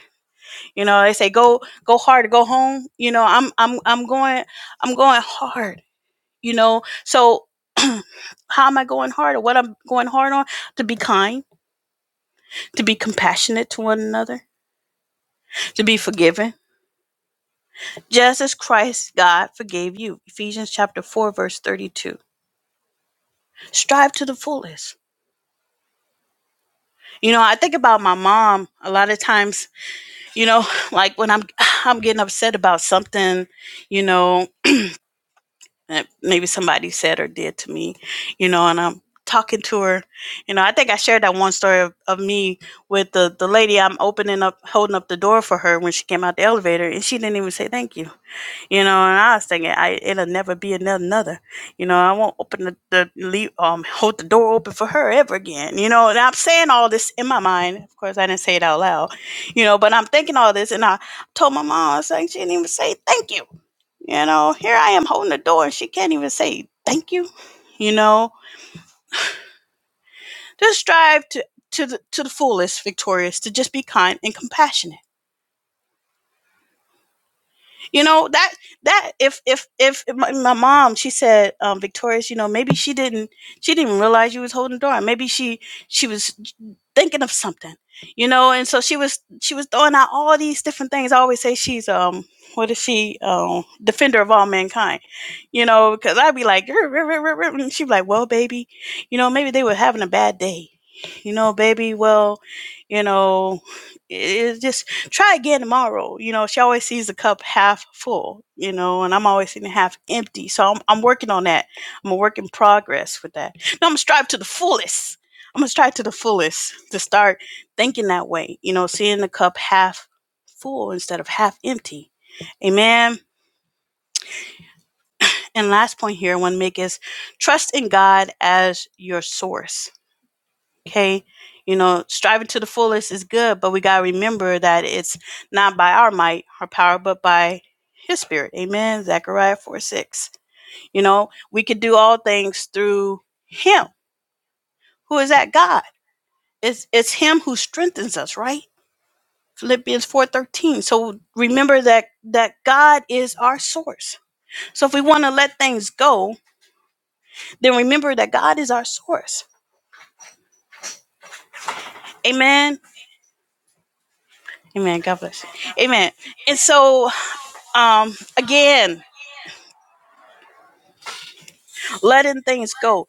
Speaker 1: You know, they say go go hard or go home. You know, I'm I'm I'm going I'm going hard. You know, so how am I going hard or what I'm going hard on? To be kind, to be compassionate to one another, to be forgiven, just as Christ God forgave you. Ephesians chapter four verse thirty two. Strive to the fullest You know, I think about my mom a lot of times, you know, like when I'm I'm getting upset about something, you know, that maybe somebody said or did to me, you know, and I'm talking to her. You know, I think I shared that one story of, of me with the, the lady I'm opening up holding up the door for her when she came out the elevator and she didn't even say thank you. You know, and I was thinking, I it'll never be another, another. You know, I won't open the, the leave, um, hold the door open for her ever again. You know, and I'm saying all this in my mind. Of course, I didn't say it out loud. You know, but I'm thinking all this, and I told my mom, I was like, she didn't even say thank you. You know, here I am holding the door, and she can't even say thank you. You know, just strive to to the to the fullest, victorious, to just be kind and compassionate you know that that if if if my, my mom she said um victorious you know maybe she didn't she didn't realize you was holding the door maybe she she was thinking of something you know and so she was she was throwing out all these different things i always say she's um what is she um defender of all mankind you know because i'd be like "Rrr, rrr, rrr, rrr," and she'd be like well baby you know maybe they were having a bad day you know baby well you know it- it's just try again tomorrow. You know, she always sees the cup half full, you know, and I'm always seeing it half empty. So I'm, I'm working on that. I'm a work in progress with that. Now I'm gonna strive to the fullest. I'm gonna strive to the fullest to start thinking that way, you know, seeing the cup half full instead of half empty. Amen. And last point here I want to make is trust in God as your source hey, you know, striving to the fullest is good, but we got to remember that it's not by our might or power, but by his spirit. Amen. Zechariah 4 6. You know, we could do all things through him. Who is that God? It's it's him who strengthens us, right? Philippians 4:13. So remember that that God is our source. So if we want to let things go, then remember that God is our source. Amen. Amen. God bless. you. Amen. And so Um, again, letting things go.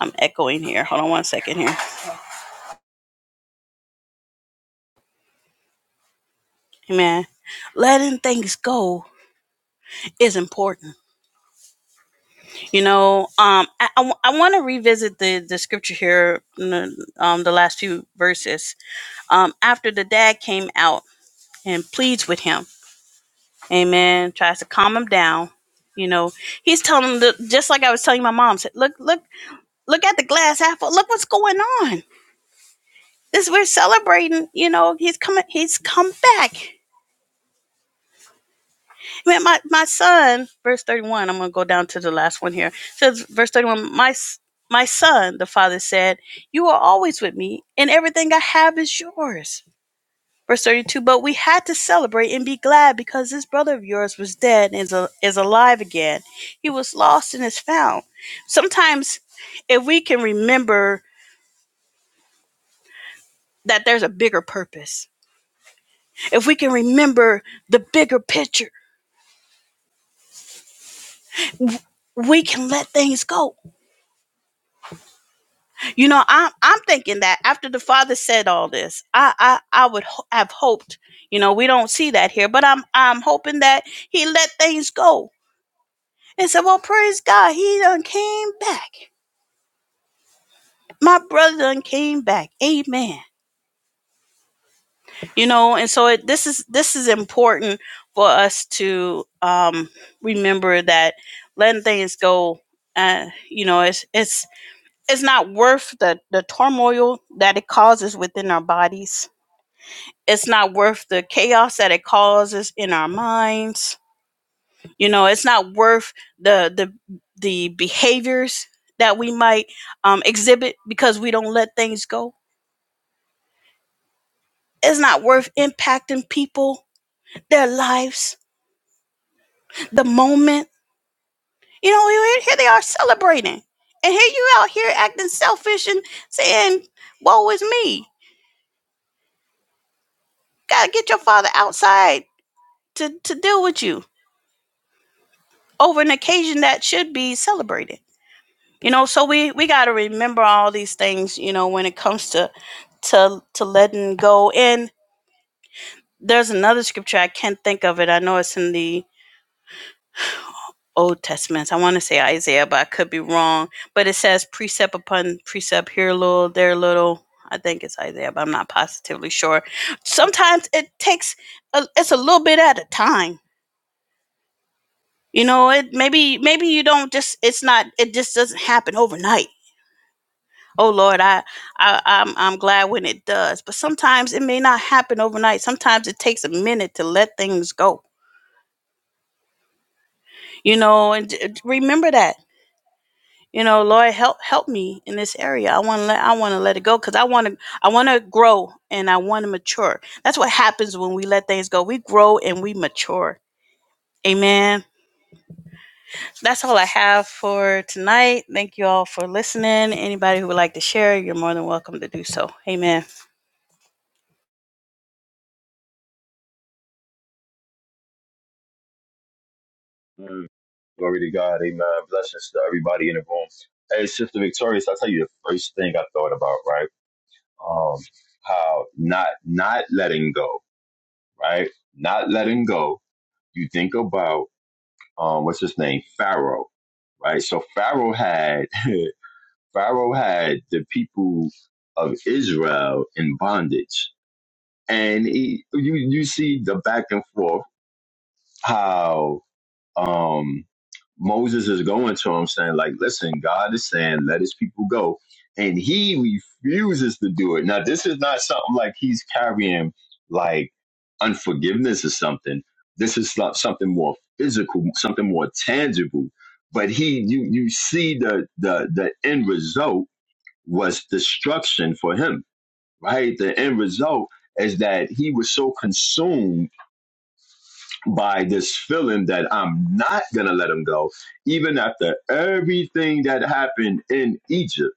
Speaker 1: I'm echoing here. Hold on one second here. Amen. Letting things go is important. You know, um, I, I, w- I want to revisit the, the scripture here, in um, the last few verses. Um, after the dad came out and pleads with him, amen, tries to calm him down. You know, he's telling him, the, just like I was telling my mom, said, look, look, look at the glass half full. Look what's going on this we're celebrating you know he's coming he's come back Man, my, my son, verse 31, I'm going to go down to the last one here. It says, verse 31, my, my son, the father said, You are always with me, and everything I have is yours. Verse 32, but we had to celebrate and be glad because this brother of yours was dead and is, a, is alive again. He was lost and is found. Sometimes, if we can remember that there's a bigger purpose, if we can remember the bigger picture, we can let things go You know, I'm I'm thinking that after the father said all this, I I I would ho- have hoped. You know, we don't see that here, but I'm I'm hoping that he let things go and said, "Well, praise God, he done came back. My brother done came back. Amen." You know, and so it, this is this is important for us to um remember that letting things go. Uh, you know, it's it's it's not worth the the turmoil that it causes within our bodies It's not worth the chaos that it causes in our minds. You know, it's not worth the the the behaviors that we might um, exhibit because we don't let things go. It's not worth impacting people, their lives, the moment. You know, here here they are celebrating, and here you out here acting selfish and saying, "Woe is me." Gotta get your father outside to to deal with you over an occasion that should be celebrated. you know so we we got to remember all these things you know when it comes to to to letting go and there's another scripture i can't think of it i know it's in the old testament i want to say isaiah but i could be wrong but it says precept upon precept here a little there a little i think it's isaiah but i'm not positively sure sometimes it takes a, it's a little bit at a time you know it maybe maybe you don't just it's not it just doesn't happen overnight oh lord I, I i'm i'm glad when it does but sometimes it may not happen overnight sometimes it takes a minute to let things go you know and d- d- remember that you know lord help help me in this area i want to let i want to let it go because i want to i want to grow and i want to mature that's what happens when we let things go we grow and we mature amen that's all i have for tonight thank you all for listening anybody who would like to share you're more than welcome to do so amen
Speaker 3: Mm. Glory to God. Amen. Blessings to everybody in the room. Hey, Sister Victorious, I'll tell you the first thing I thought about, right? Um, how not not letting go, right? Not letting go. You think about um, what's his name, Pharaoh, right? So Pharaoh had Pharaoh had the people of Israel in bondage, and he, you you see the back and forth how um Moses is going to him saying, like, listen, God is saying, let his people go. And he refuses to do it. Now, this is not something like he's carrying like unforgiveness or something. This is so- something more physical, something more tangible. But he you you see the the the end result was destruction for him, right? The end result is that he was so consumed by this feeling that I'm not going to let him go, even after everything that happened in Egypt.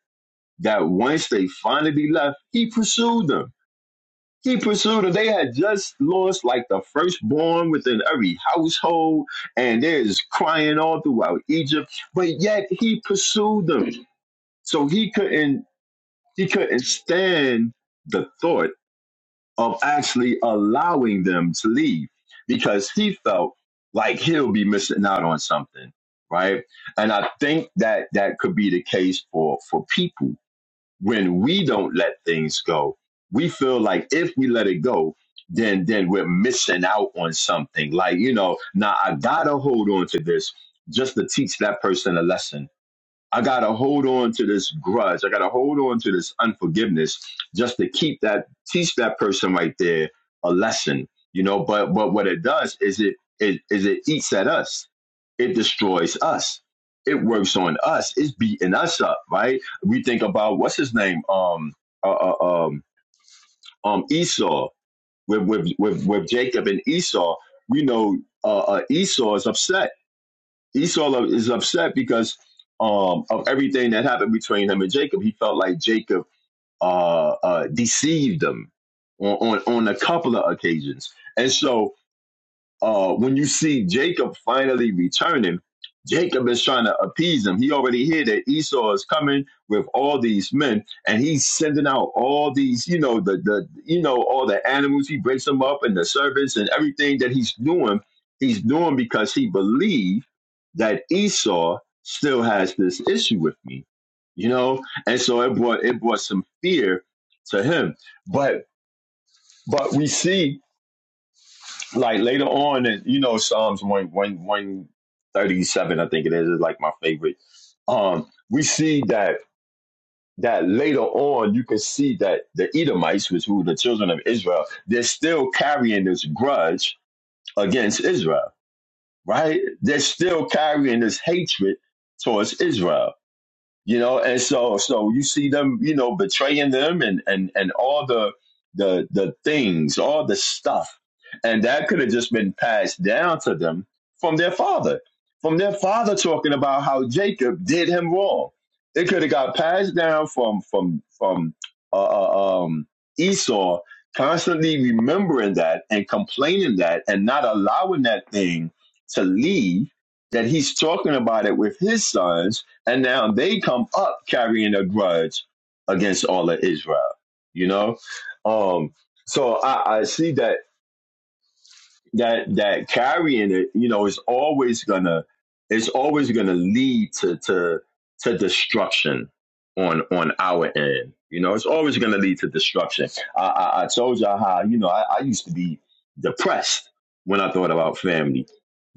Speaker 3: That once they finally left, he pursued them. He pursued them. They had just lost like the firstborn within every household, and there's crying all throughout Egypt. But yet he pursued them, so he couldn't. He couldn't stand the thought of actually allowing them to leave because he felt like he'll be missing out on something, right? And I think that that could be the case for for people when we don't let things go. We feel like if we let it go, then then we're missing out on something. Like you know, now I gotta hold on to this just to teach that person a lesson I got to hold on to this grudge. I got to hold on to this unforgiveness just to keep that, teach that person right there a lesson, you know. But but what it does is it, it is it eats at us. It destroys us. It works on us. It's beating us up, right? We think about what's his name, um, uh, uh, um, um, Esau with with with with Jacob and Esau. We know uh, uh, Esau is upset Esau is upset because um, of everything that happened between him and Jacob. He felt like Jacob uh, uh, deceived him on, on on a couple of occasions, and so uh, when you see Jacob finally returning, Jacob is trying to appease him. He already hear that Esau is coming with all these men, and he's sending out all these, you know, the the you know all the animals. He breaks them up, and the servants, and everything that he's doing, he's doing because he believed that Esau still has this issue with me, you know. And so it brought it brought some fear to him. But but we see like later on, and you know, Psalms one one one thirty seven, I think it is, is like my favorite. Um, we see that that later on, you can see that the Edomites, which were the children of Israel, they're still carrying this grudge against Israel, right? They're still carrying this hatred towards Israel you know and so so you see them you know betraying them and and and all the the the things all the stuff and that could have just been passed down to them from their father from their father talking about how jacob did him wrong it could have got passed down from from from uh, uh, um esau constantly remembering that and complaining that and not allowing that thing to leave that he's talking about it with his sons and now they come up carrying a grudge against all of Israel, you know? Um, so I, I see that that that carrying it, you know, is always gonna it's always gonna lead to to to destruction on on our end. You know, it's always gonna lead to destruction. I I, I told y'all how you know I, I used to be depressed when I thought about family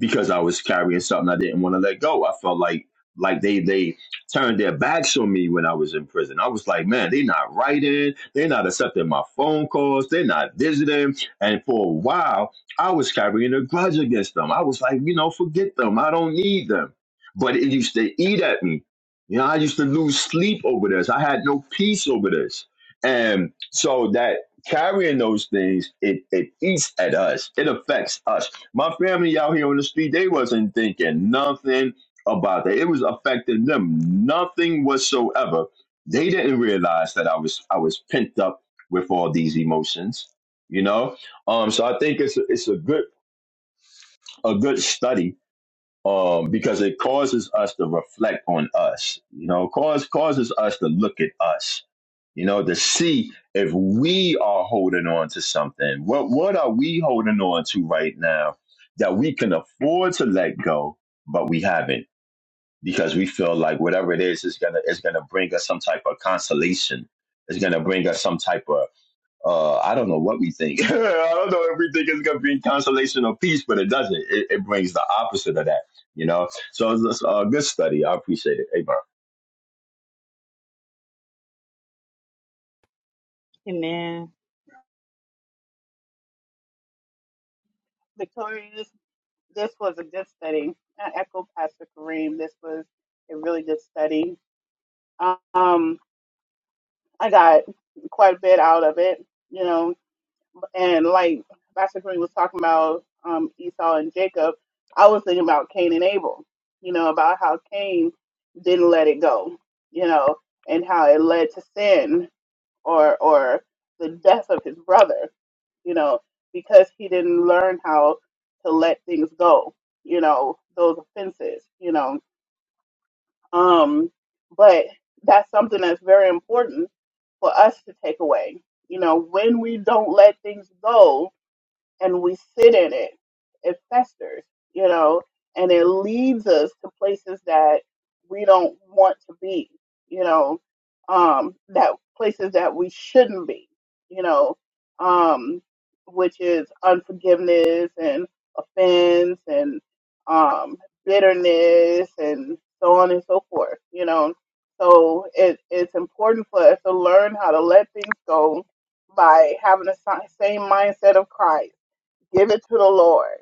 Speaker 3: because I was carrying something I didn't want to let go. I felt like like they they turned their backs on me when I was in prison. I was like, man, they not writing, they not accepting my phone calls, they not visiting. And for a while, I was carrying a grudge against them. I was like, you know, forget them. I don't need them. But it used to eat at me. You know, I used to lose sleep over this. I had no peace over this. And so that carrying those things, it, it eats at us. It affects us. My family out here on the street, they wasn't thinking nothing about that. It was affecting them. Nothing whatsoever. They didn't realize that I was I was pent up with all these emotions. You know? Um, so I think it's a, it's a good a good study um, because it causes us to reflect on us. You know, cause causes us to look at us. You know, to see if we are holding on to something. What what are we holding on to right now that we can afford to let go, but we haven't because we feel like whatever it is is gonna is gonna bring us some type of consolation. It's gonna bring us some type of uh, I don't know what we think. I don't know if we think it's going to bring consolation or peace, but it doesn't. It, it brings the opposite of that, you know? So it's a good study. I appreciate it. Amen.
Speaker 1: Amen.
Speaker 4: Victoria, this, this was a good study. I echo Pastor Kareem. This was a really good study. Um, I got quite a bit out of it, you know. And like Pastor Kareem was talking about um, Esau and Jacob, I was thinking about Cain and Abel, you know, about how Cain didn't let it go, you know, and how it led to sin or or the death of his brother you know, because he didn't learn how to let things go, you know, those offenses, you know. Um, but that's something that's very important for us to take away. You know, when we don't let things go, and we sit in it, it festers, you know, and it leads us to places that we don't want to be, you know, um, that places that we shouldn't be, you know, um, which is unforgiveness and offense and um, bitterness and so on and so forth, you know. So it, it's important for us to learn how to let things go by having the si- same mindset of Christ Give it to the Lord.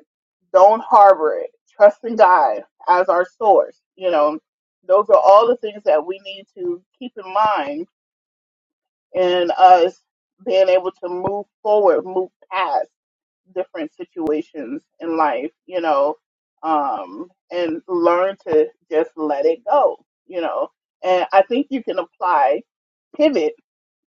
Speaker 4: Don't harbor it. Trust in God as our source. You know, those are all the things that we need to keep in mind in us being able to move forward, move past different situations in life, you know, um, and learn to just let it go, you know. And I think you can apply pivot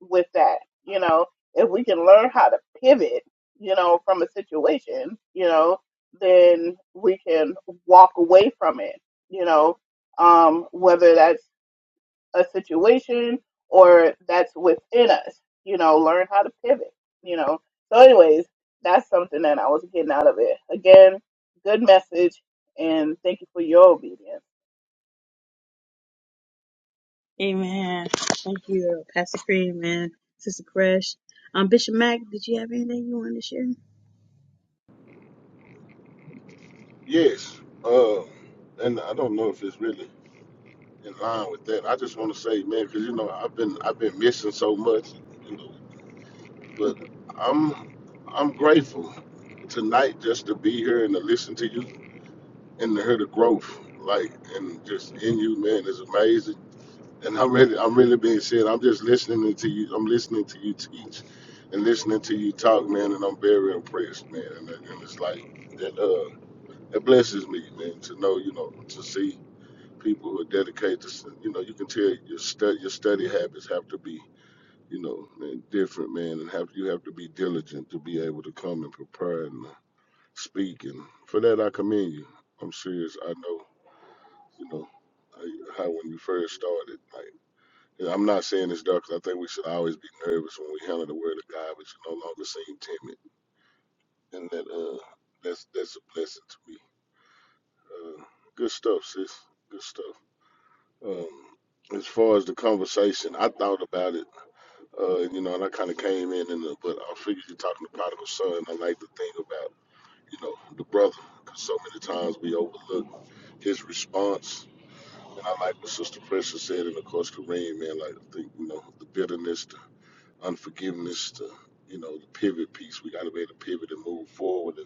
Speaker 4: with that. You know, if we can learn how to pivot, you know, from a situation, you know, then we can walk away from it, you know, um, whether that's a situation or that's within us, you know, learn how to pivot, you know. So, anyways, that's something that I was getting out of it. Again, good message, and thank you for your obedience.
Speaker 1: Amen. Thank you, Pastor Cream and Sister Crush. Um, Bishop Mack, did you have anything you wanted to share?
Speaker 5: Yes, uh, and I don't know if it's really in line with that. I just want to say, man, because you know I've been I've been missing so much, you know, but I'm I'm grateful tonight just to be here and to listen to you and to hear the growth, like and just in you, man, is amazing. And I'm really I'm really being said. I'm just listening to you. I'm listening to you teach and listening to you talk, man. And I'm very impressed, man. And, and it's like that uh, it blesses me, man, to know you know to see. people who are dedicated to, s- you know, you can tell your study, your study habits have to be, you know, man, different, man, and have you have to be diligent to be able to come and prepare and uh, speak. And for that, I commend you. I'm serious. I know, you know, I, how when you first started, like, and I'm not saying this, dark, I think we should always be nervous when we handle the word of God, but you no longer seem timid. And that, uh, that's, that's a blessing to me. Uh, good stuff, sis. Good stuff. Um, as far as the conversation, I thought about it, uh, you know, and I kind of came in, and uh, but I figured you're talking to prodigal son. I like to think about, you know, the brother, because so many times we overlook his response. And I like what Sister Precious said, and of course Kareem, man, like I think, you know, the bitterness, the unforgiveness, the you know, the pivot piece. We got to be able to pivot and move forward and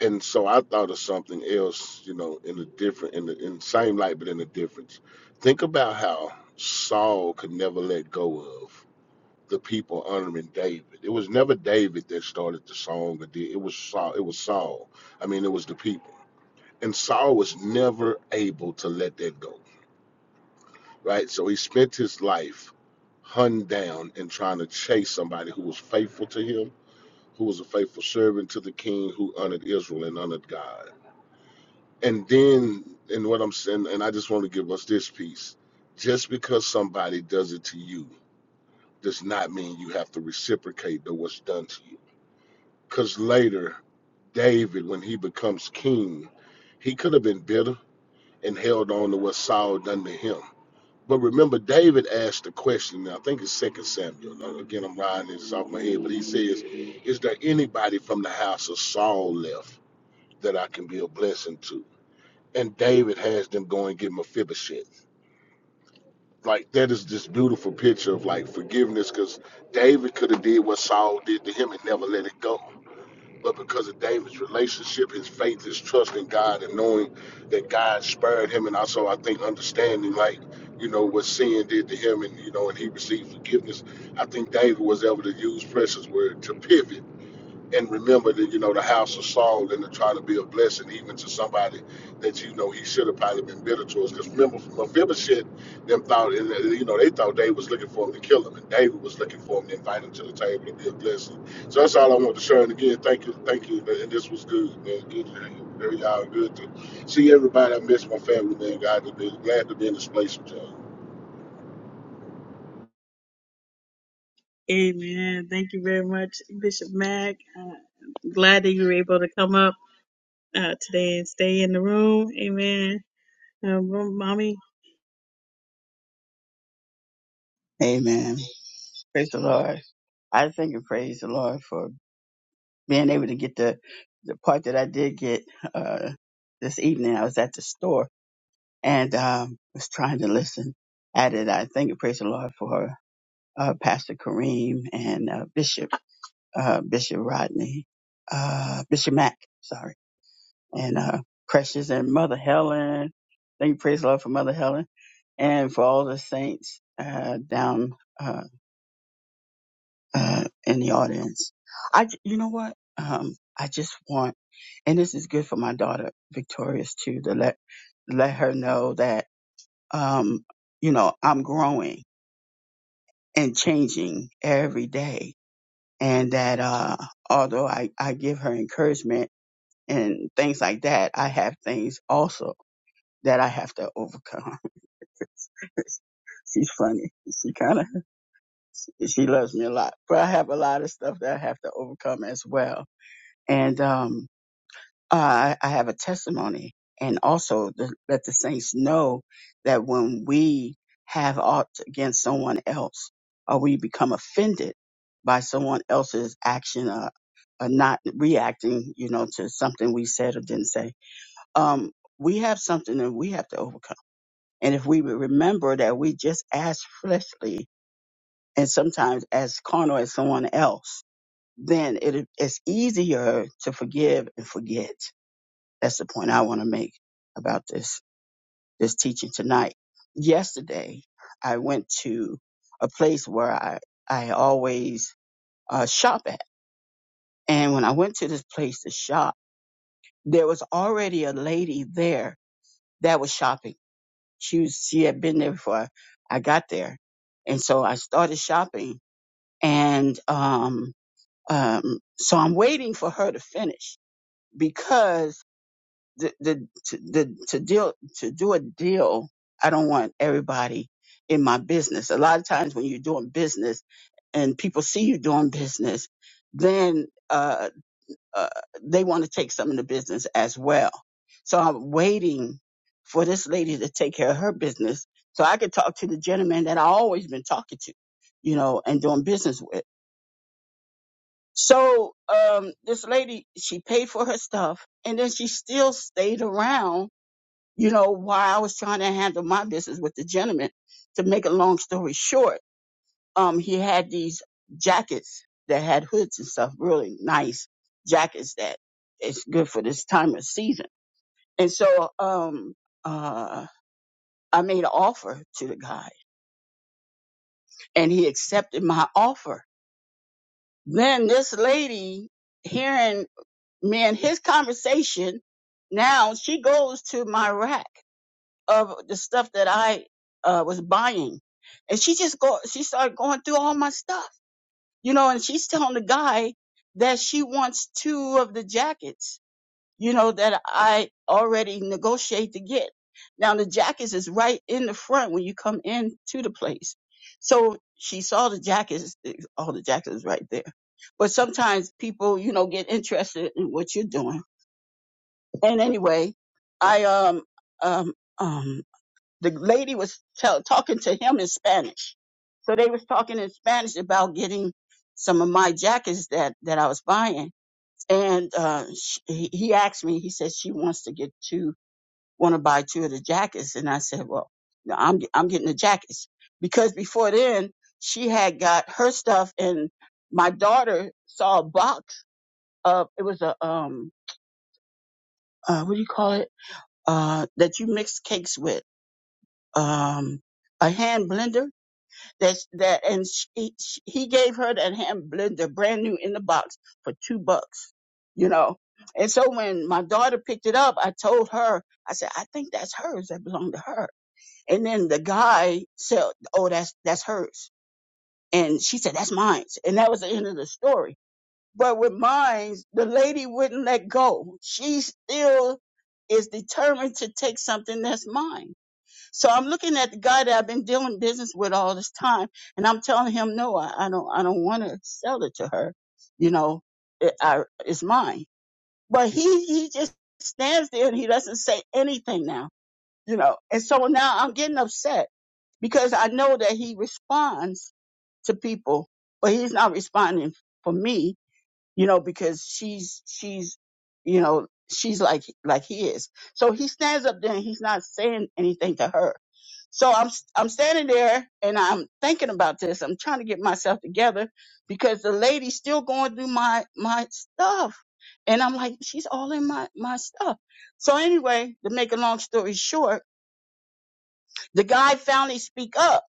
Speaker 5: and so I thought of something else, you know, in a different, in the in the same light, but in a difference. Think about how Saul could never let go of the people honoring David. It was never David that started the song, or did- it was Saul. It was Saul. I mean, it was the people, and Saul was never able to let that go. Right, so he spent his life hunned down and trying to chase somebody who was faithful to him, who was a faithful servant to the king, who honored Israel and honored God and then and what i'm saying and i just want to give us this piece just because somebody does it to you does not mean you have to reciprocate to what's done to you because later david when he becomes king he could have been bitter and held on to what saul done to him but remember david asked the question and i think it's second samuel Now, again i'm riding this off my head but he says is there anybody from the house of saul left that i can be a blessing to and David has them go and get Mephibosheth. Like that is this beautiful picture of like forgiveness, because David could have did what Saul did to him and never let it go. But because of David's relationship, his faith, his trust in God, and knowing that God spared him, and also I think understanding like you know what sin did to him, and you know, and he received forgiveness. I think David was able to use precious word to pivot and remember that you know the house of Saul and to try to be a blessing even to somebody that you know he should have probably been bitter towards. Because remember, Mephibosheth them thought and, uh, you know they thought David was looking for him to kill him, and David was looking for him to invite him to the table to be a blessing. So that's all I want to share. And again, thank you, thank you. And this was good, man. Good to hear you. Y'all good to see everybody. I miss my family, man. God, to be glad to be in this place with y'all.
Speaker 1: Amen. Thank you very much, Bishop Mack. Uh, glad that you were able to come up uh, today and stay in the room. Amen. Uh, room- mommy.
Speaker 6: Amen. Praise the Lord. I thank and praise the Lord for being able to get the the part that I did get uh, this evening. I was at the store and um, was trying to listen at it. I thank and praise the Lord for uh, Pastor Kareem and uh, Bishop uh, Bishop Rodney, uh, Bishop Mack, sorry, and uh, Precious and Mother Helen. Thank you, praise the Lord for Mother Helen and for all the saints uh, down. uh, uh, in the audience. I, j- you know what? Um, I just want, and this is good for my daughter Victorious too, to let let her know that, um, you know, I'm growing and changing every day, and that uh, although I I give her encouragement and things like that, I have things also that I have to overcome. She's funny. She kind of she loves me a lot, but I have a lot of stuff that I have to overcome as well and um, uh, I, I have a testimony, and also to let the saints know that when we have aught against someone else, or we become offended by someone else's action, or, or not reacting, you know, to something we said or didn't say, um, we have something that we have to overcome. And if we would remember that we just as fleshly and sometimes as carnal as someone else, then it, it's easier to forgive and forget that's the point I want to make about this, this teaching tonight. Yesterday, I went to a place where I, I always uh, shop at. And when I went to this place to shop, there was already a lady there that was shopping. She was, she had been there before I got there. And so I started shopping and, um, um, so I'm waiting for her to finish because the, the, to, the, to deal, to do a deal, I don't want everybody in my business. A lot of times when you're doing business and people see you doing business, then, uh, uh, they want to take some of the business as well. So I'm waiting for this lady to take care of her business so I could talk to the gentleman that I always been talking to, you know, and doing business with. So, um, this lady, she paid for her stuff and then she still stayed around you know, while I was trying to handle my business with the gentleman, to make a long story short, um, he had these jackets that had hoods and stuff, really nice jackets that is good for this time of season. And so, um, uh, I made an offer to the guy and he accepted my offer. Then this lady, hearing me and his conversation, now she goes to my rack of the stuff that I uh, was buying. And she just go, she started going through all my stuff, you know, and she's telling the guy that she wants two of the jackets, you know, that I already negotiate to get. Now the jackets is right in the front when you come in to the place. So she saw the jackets, all the jackets right there. But sometimes people, you know, get interested in what you're doing. And anyway, I, um, um, um, the lady was tell, talking to him in Spanish. So they was talking in Spanish about getting some of my jackets that, that I was buying. And, uh, sh he, he asked me, he said, she wants to get two, want to buy two of the jackets. And I said, well, no, I'm, I'm getting the jackets because before then she had got her stuff and my daughter saw a box of, it was a, um, uh, what do you call it? Uh, that you mix cakes with, um, a hand blender that that and she, she, he gave her that hand blender brand new in the box for two bucks you know and so when my daughter picked it up i told her i said i think that's hers that belonged to her and then the guy said oh that's that's hers and she said that's mine and that was the end of the story but with mine the lady wouldn't let go she still is determined to take something that's mine so I'm looking at the guy that I've been doing business with all this time, and I'm telling him, no, I, I don't, I don't want to sell it to her. You know, it, I, it's mine. But he, he just stands there and he doesn't say anything now. You know, and so now I'm getting upset because I know that he responds to people, but he's not responding for me. You know, because she's, she's, you know, she's like, like he is. So he stands up there and he's not saying anything to her so I'm I'm standing there and I'm thinking about this. I'm trying to get myself together because the lady's still going through my my stuff. And I'm like, she's all in my my stuff. So anyway, to make a long story short, the guy finally speak up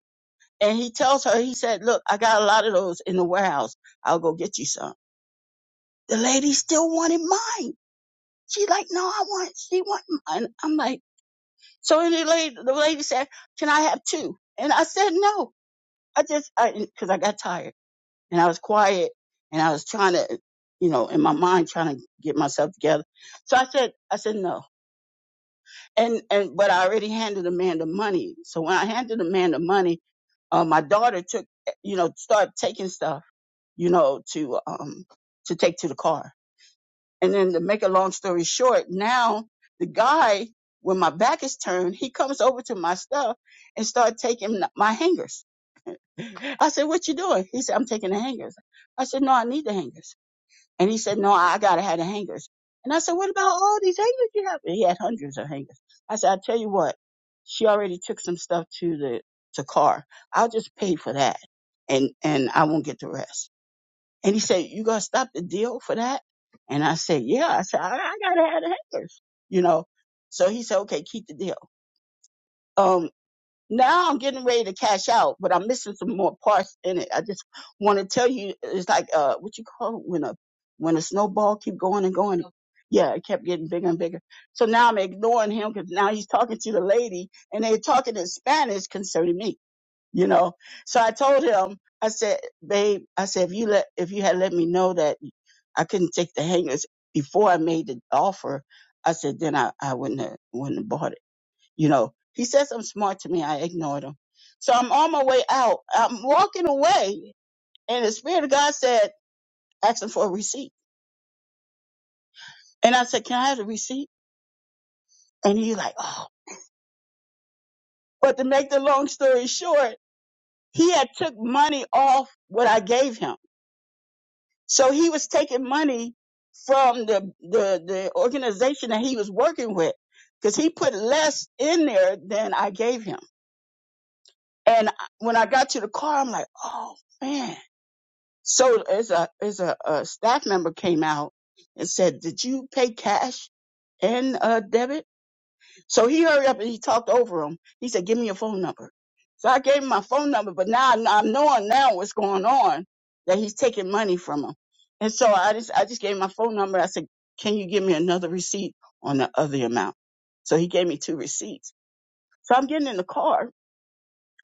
Speaker 6: and he tells her, he said, Look, I got a lot of those in the warehouse. I'll go get you some. The lady still wanted mine. She like, no, I want she want mine. I'm like, so and the lady the lady said, Can I have two?" And I said no. I just, I, cause I got tired and I was quiet and I was trying to, you know, in my mind trying to get myself together. So I said, I said no. And, and, but I already handed the man the money. So when I handed the man the money, uh, my daughter took, eh, you know, started taking stuff, you know, to, um, to take to the car. And then to make a long story short, now the guy, when my back is turned, he comes over to my stuff and start taking my hangers. I said, what you doing? He said, I'm taking the hangers. I said, no, I need the hangers. And he said, no, I gotta have the hangers. And I said, what about all these hangers you have? He had hundreds of hangers. I said, I tell you what, she already took some stuff to the, to car. I'll just pay for that and, and I won't get the rest. And he said, you gonna stop the deal for that? And I said, yeah. I said, I, I gotta have the hangers, you know? So he said, okay, keep the deal. Um, now I'm getting ready to cash out, but I'm missing some more parts in it. I just want to tell you, it's like uh, what you call it when a when a snowball keep going and going. Yeah, it kept getting bigger and bigger. So now I'm ignoring him because now he's talking to the lady and they're talking in Spanish concerning me. You know, so I told him, I said, babe, I said if you let if you had let me know that I couldn't take the hangers before I made the offer, I said then I I wouldn't have, wouldn't have bought it. You know, he said something smart to me. I ignored him. So I'm on my way out. I'm walking away, and the Spirit of God said, ask him for a receipt. And I said, can I have the receipt? And he like, oh. But to make the long story short, he had took money off what I gave him. So he was taking money from the, the, the organization that he was working with because he put less in there than I gave him. And I- when I got to the car, I'm like, oh man So as a as a, a staff member came out and said, "Did you pay cash and uh, debit?" So he hurried up and he talked over him. He said, "Give me your phone number." So I gave him my phone number, but now I'm I'm knowing now what's going on that he's taking money from him. And so I just I just gave him my phone number. I said, "Can you give me another receipt on the other amount?" So he gave me two receipts. So I'm getting in the car.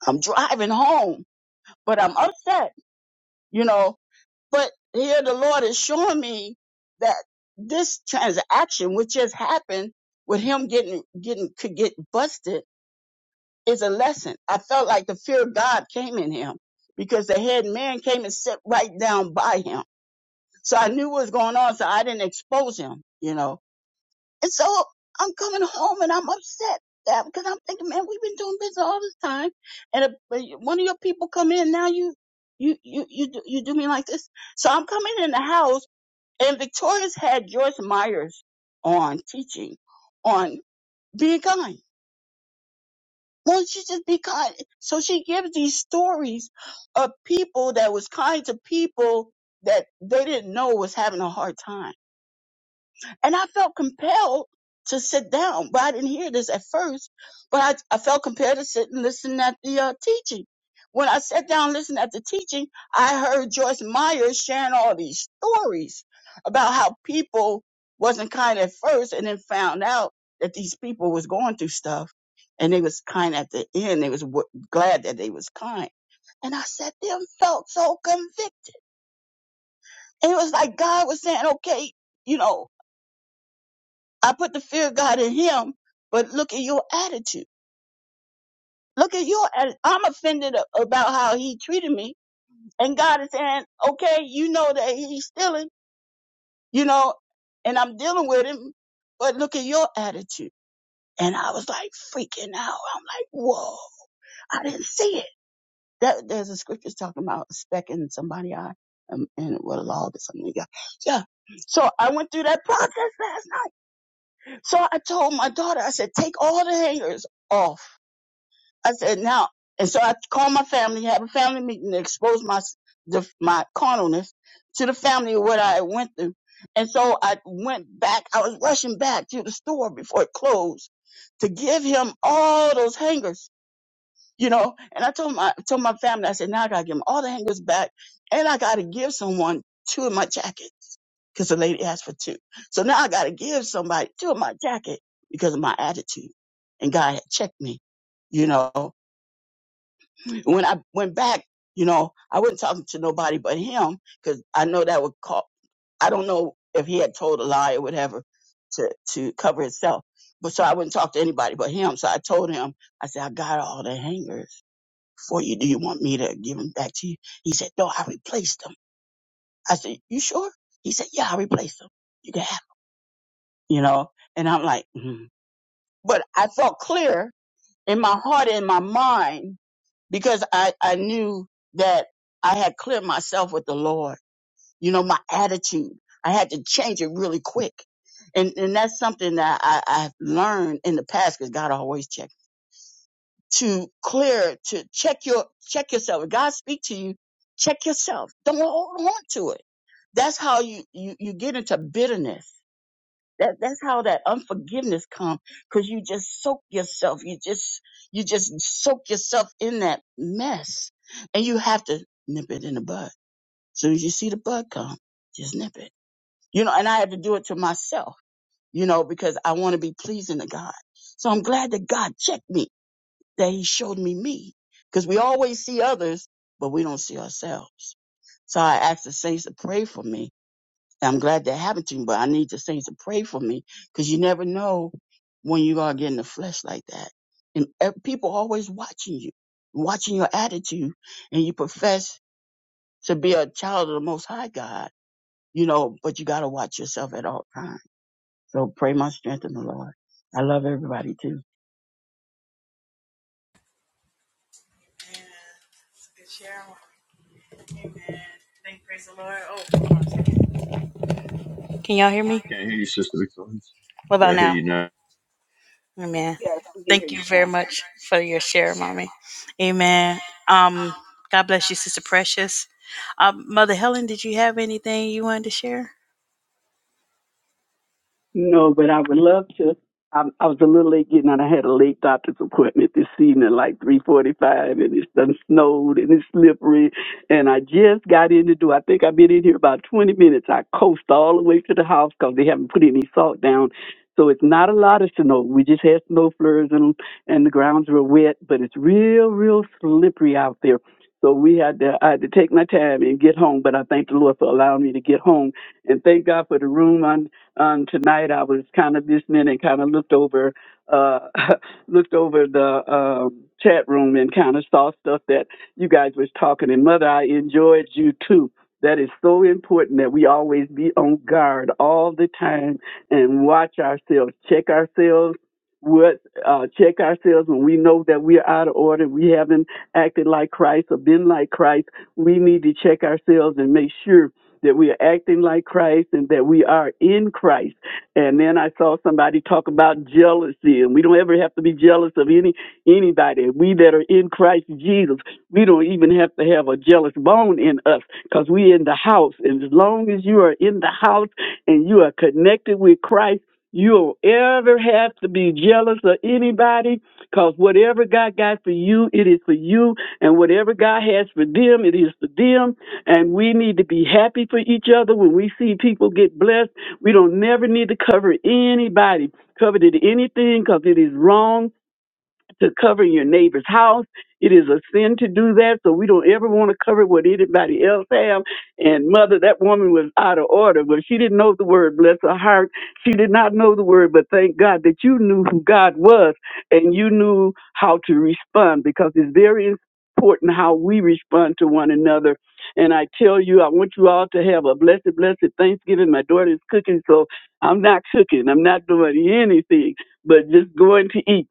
Speaker 6: I'm driving home, but I'm upset, you know But here the Lord is showing me that this transaction, which just happened with him getting, getting, could get busted is a lesson. I felt like the fear of God came in him because the head man came and sat right down by him. So I knew what was going on. So I didn't expose him, you know. And so I'm coming home and I'm upset that because I'm thinking, man, we've been doing business all this time. And if uh, one of your people come in now, you, you, you, you, do- you do me like this. So I'm coming in the house and Victoria's had Joyce Myers on teaching on being kind. Won't you just be kind? So she gives these stories of people that was kind to people that they didn't know was having a hard time. And I felt compelled to sit down, but I didn't hear this at first. But I, I felt compelled to sit and listen at the uh, teaching. When I sat down and listened at the teaching, I heard Joyce Meyer sharing all these stories about how people wasn't kind at first and then found out that these people was going through stuff and they was kind at the end. They was w- glad that they was kind. And I sat there and felt so convicted. And it was like God was saying, okay, you know, I put the fear of God in him, but look at your attitude. Look at your attitude. I'm offended a- about how he treated me. And God is saying, okay, you know that he's stealing, you know, and I'm dealing with him, but look at your attitude. And I was like freaking out. I'm like, whoa, I didn't see it. That, there's a scripture talking about a speck in somebody's eye um, and what a log or something. Yeah. Yeah. So I went through that process last night. So I told my daughter, I said, take all the hangers off I said, now, and so I called my family, have a family meeting to expose my the, my carnalness to the family of what I had went through. And so I went back. I was rushing back to the store before it closed to give him all those hangers, you know. And I told my told my family, I said, now I gotta give him all the hangers back, and I gotta give someone two of my jackets because the lady asked for two. So now I gotta give somebody two of my jacket because of my attitude, and God had checked me, you know when I went back, you know, I wasn't talking to nobody but him because I know that would call. I don't know if he had told a lie or whatever to to cover himself. But so I wouldn't talk to anybody but him. So I told him, I said, I got all the hangers for you. Do you want me to give them back to you? He said, No, I replaced them. I said, You sure? He said, Yeah, I replaced them. You can have 'em," you know. And I'm like, mm. but I felt clear in my heart and my mind because I, I knew that I had cleared myself with the Lord. You know, my attitude, I had to change it really quick. And, and that's something that I, I've learned in the past because God always checks to clear, to check your, check yourself. If God speak to you, check yourself. Don't hold on to it. That's how you, you, you get into bitterness that that's how that unforgiveness comes, because you just soak yourself. You just you just soak yourself in that mess, and you have to nip it in the bud. soon as you see the bud come, just nip it. You know, and I had to do it to myself. You know, because I want to be pleasing to God. So I'm glad that God checked me, that He showed me me, because we always see others, but we don't see ourselves. So I asked the saints to pray for me and I'm glad that happened to me, but I need the saints to pray for me because you never know when you are getting the flesh like that. And ev- people always watching you, watching your attitude, and you profess to be a child of the Most High God, you know, but you got to watch yourself at all times. So pray my strength in the Lord. I love everybody too.
Speaker 1: Good share. Amen. Thank praise the Lord. Oh, hold on a second. can y'all hear me?
Speaker 3: Can't hear you, Sister Victoria.
Speaker 1: What
Speaker 3: Yeah,
Speaker 1: about
Speaker 3: hear
Speaker 1: now?
Speaker 3: you now.
Speaker 1: Amen.
Speaker 4: Yes, we can hear
Speaker 1: Thank you
Speaker 4: you now.
Speaker 1: very much for your share, mommy. Amen. Um, God bless you, Sister Precious. Um, Mother Helen, did you have anything you wanted to share?
Speaker 7: No, but I would love to. I, I was a little late getting out. I had a late doctor's appointment this evening, like three forty-five, and it's done snowed and it's slippery. And I just got in the door. I think I've been in here about twenty minutes. I coasted all the way to the house because they haven't put any salt down, so it's not a lot of snow. We just had snow flurries and and the grounds were wet, but it's real, real slippery out there. So we had to I had to take my time and get home. But I thank the Lord for allowing me to get home, and thank God for the room. Um, tonight I was kind of listening and kind of looked over, uh, looked over the um, chat room and kind of saw stuff that you guys was talking. And mother, I enjoyed you too. That is so important that we always be on guard all the time and watch ourselves, check ourselves, what uh, check ourselves when we know that we're out of order, we haven't acted like Christ or been like Christ. We need to check ourselves and make sure that we are acting like Christ and that we are in Christ. And then I saw somebody talk about jealousy, and we don't ever have to be jealous of any anybody. We that are in Christ Jesus, we don't even have to have a jealous bone in us because we in the house. And as long as you are in the house and you are connected with Christ, you don't ever have to be jealous of anybody because whatever God got for you, it is for you. And whatever God has for them, it is for them and we need to be happy for each other when we see people get blessed. We don't never need to cover anybody, cover it anything, because it is wrong to cover your neighbor's house. It is a sin to do that, so we don't ever want to cover what anybody else have. And mother, that woman was out of order, but she didn't know the word. Bless her heart, she did not know the word. But thank God that you knew who God was, and you knew how to respond because it's very important how we respond to one another. And I tell you, I want you all to have a blessed, blessed Thanksgiving. My daughter is cooking, so I'm not cooking. I'm not doing anything but just going to eat.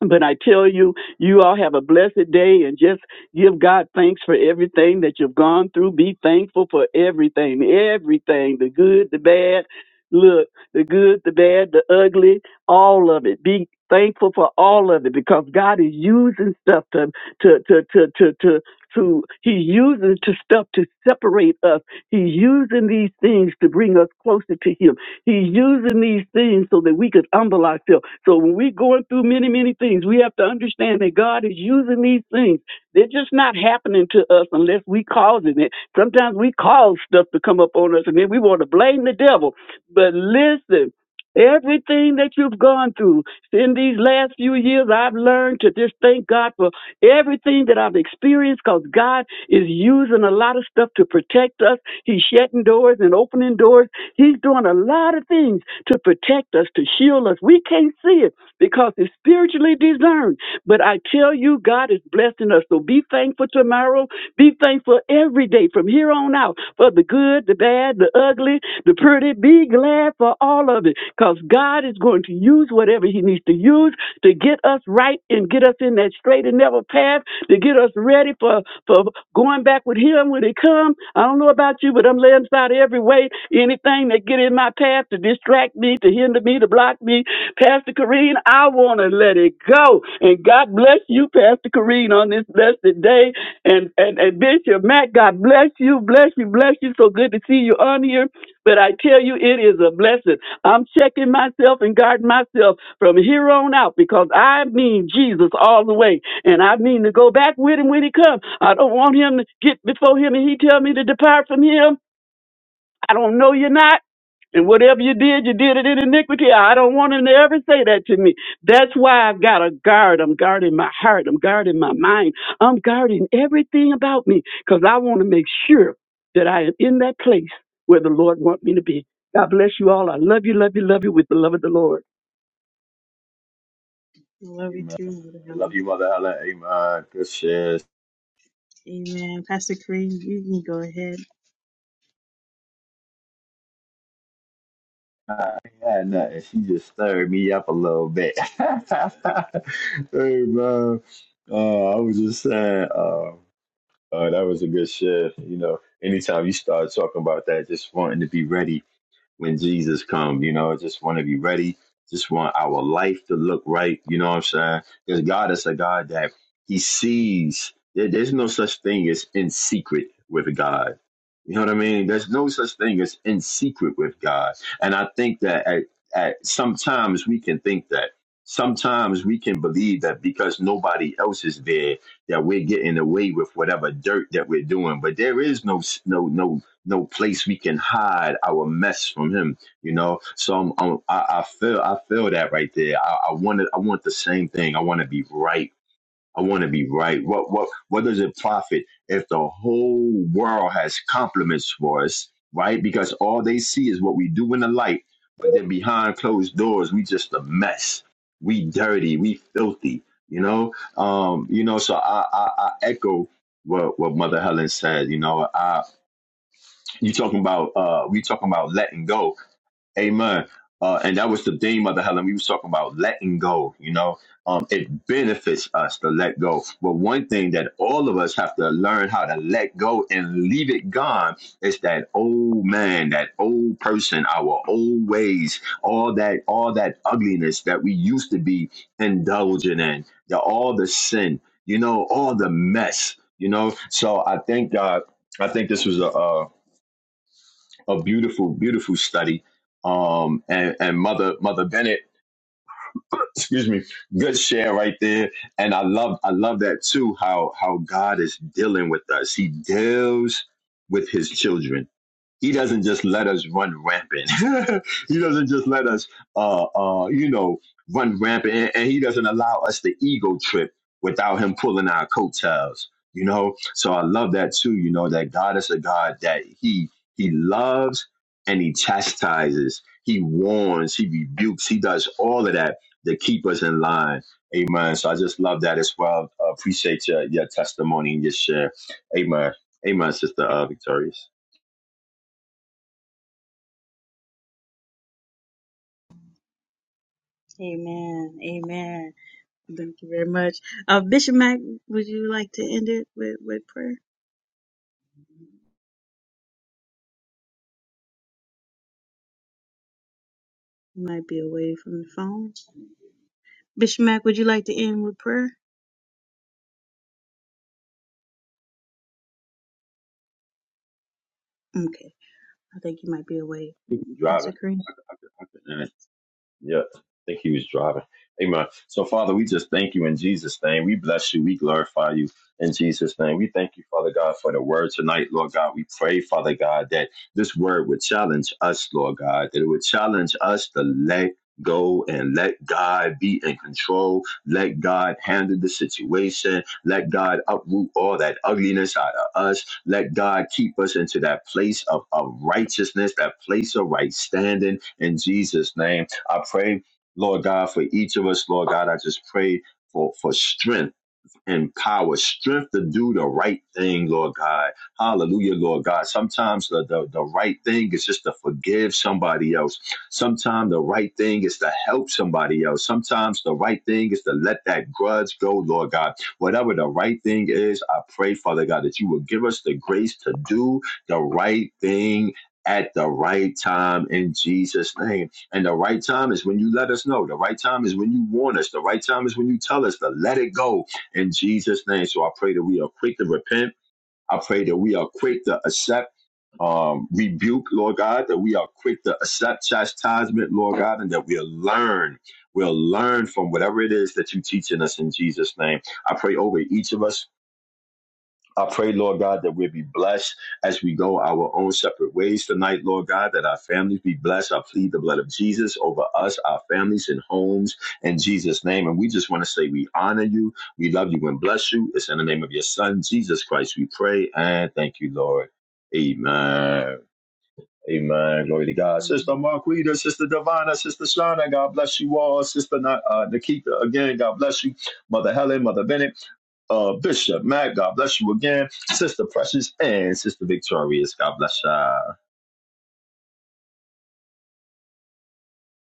Speaker 7: But I tell you, you all have a blessed day and just give God thanks for everything that you've gone through. Be thankful for everything, everything the good, the bad. Look, the good, the bad, the ugly, all of it. Be thankful for all of it because God is using stuff to, to, to, to, to, to, to He's using to stuff to separate us He's using these things to bring us closer to Him. He's using these things so that we could humble ourselves. So when we're going through many, many things, we have to understand that God is using these things. They're just not happening to us unless we causing it. Sometimes we cause stuff to come up on us, and then we want to blame the devil. But listen. Everything that you've gone through in these last few years, I've learned to just thank God for everything that I've experienced because God is using a lot of stuff to protect us. He's shutting doors and opening doors. He's doing a lot of things to protect us, to shield us. We can't see it because it's spiritually discerned. But I tell you, God is blessing us. So be thankful tomorrow. Be thankful every day from here on out for the good good, the bad, the ugly, the pretty. Be glad for all of it because God is going to use whatever He needs to use to get us right and get us in that straight and narrow path, to get us ready for, for going back with Him when He comes. I don't know about you, but I'm laying aside every weight, anything that get in my path to distract me, to hinder me, to block me. Pastor Kareen, I want to let it go. And God bless you, Pastor Kareen, on this blessed day and, and and Bishop Matt, God bless you, bless you, bless you. So good to see you on here. But I tell you, it is a blessing. I'm checking myself and guarding myself from here on out because I mean Jesus all the way, and I mean to go back with him when he comes. I don't want him to get before him and he tell me to depart from him. I don't know you're not. And whatever you did, you did it in iniquity. I don't want him to ever say that to me. That's why I've got a guard. I'm guarding my heart. I'm guarding my mind. I'm guarding everything about me because I want to make sure that I am in that place where the Lord wants me to be. God bless you all. I love you, love you, love you with the love of the Lord.
Speaker 1: Love you
Speaker 3: Amen.
Speaker 1: too, Mother
Speaker 3: Love
Speaker 1: Helen.
Speaker 3: you, Mother Helen. Amen. Good shit.
Speaker 1: Amen. Pastor Kareem, you can go ahead.
Speaker 3: I had nothing. She just stirred me up a little bit. Amen. Uh, I was just saying, uh, uh, that was a good shit. You know, anytime you start talking about that, just wanting to be ready when Jesus comes. You know, I just want to be ready. Just want our life to look right. You know what I'm saying? Because God is a God that He sees. There- there's no such thing as in secret with God. You know what I mean? There's no such thing as in secret with God. And I think that at, at sometimes we can think that. Sometimes we can believe that because nobody else is there, that we're getting away with whatever dirt that we're doing. But there is no no no no place we can hide our mess from him. You know, so I'm, I'm, I, I feel I feel that right there. I, I wanted I want the same thing. I want to be right. I want to be right. What what what does it profit if the whole world has compliments for us, right? Because all they see is what we do in the light, but then behind closed doors, we just a mess. We dirty. We filthy. You know, um, you know. So I, I, I echo what what Mother Helen said. You know, I you talking about uh we talking about letting go amen uh and that was the theme of the helen we was talking about letting go you know um it benefits us to let go but one thing that all of us have to learn how to let go and leave it gone is that old man that old person our old ways all that all that ugliness that we used to be indulging in the all the sin you know all the mess you know so i thank god i think this was a uh a beautiful, beautiful study. Um, and, and mother, mother Bennett, excuse me, good share right there. And I love, I love that too. How how God is dealing with us. He deals with His children he doesn't just let us run rampant. he doesn't just let us, uh, uh, you know, run rampant, and, and he doesn't allow us the ego trip without him pulling our coattails. You know, so I love that too. You know, that God is a God that he he loves and he chastises, he warns, he rebukes, he does all of that to keep us in line. Amen. So I just love that as well. Uh, appreciate your your testimony and your share. Amen. Amen, Sister uh, Victorious.
Speaker 1: Amen. Amen. Thank you very much. Uh, Bishop Mack, would you like to end it with, with prayer? You might be away from the phone. Bishop Mack, would you like to end with prayer? Okay. I think you might be away. Pastor
Speaker 3: Driving.
Speaker 1: Kareem.
Speaker 3: I could, I could, I couldn't. Yeah, I think he was driving. Amen. So, Father, we just thank you in Jesus' name. We bless you. We glorify you in Jesus' name. We thank you, Father God, for the word tonight, Lord God. We pray, Father God, that this word would challenge us, Lord God, that it would challenge us to let go and let God be in control. Let God handle the situation. Let God uproot all that ugliness out of us. Let God keep us into that place of, of righteousness, that place of right standing in Jesus' name. I pray, Lord God, for each of us, Lord God. I just pray for, for strength and power, strength to do the right thing, Lord God. Hallelujah, Lord God. Sometimes the, the, the right thing is just to forgive somebody else. Sometimes the right thing is to help somebody else. Sometimes the right thing is to let that grudge go, Lord God. Whatever the right thing is, I pray, Father God, that you will give us the grace to do the right thing at the right time in Jesus' name. And the right time is when you let us know. The right time is when you warn us. The right time is when you tell us to let it go in Jesus' name. So I pray that we are quick to repent. I pray that we are quick to accept um, rebuke, Lord God, that we are quick to accept chastisement, Lord God, and that we'll learn. We'll learn from whatever it is that you're teaching us in Jesus' name. I pray over each of us I pray, Lord God, that we'll be blessed as we go our own separate ways tonight, Lord God, that our families be blessed. I plead the blood of Jesus over us, our families, and homes in Jesus' name. And we just want to say we honor you, we love you, and bless you. It's in the name of your Son, Jesus Christ, we pray and thank you, Lord. Amen. Amen. Glory to God. Sister Marquita, Sister Divina, Sister Shauna, God bless you all. Sister Na- uh, Nikita, again, God bless you. Mother Helen, Mother Bennett, uh, Bishop Matt, God bless you again. Sister Precious and Sister Victorious, God bless you.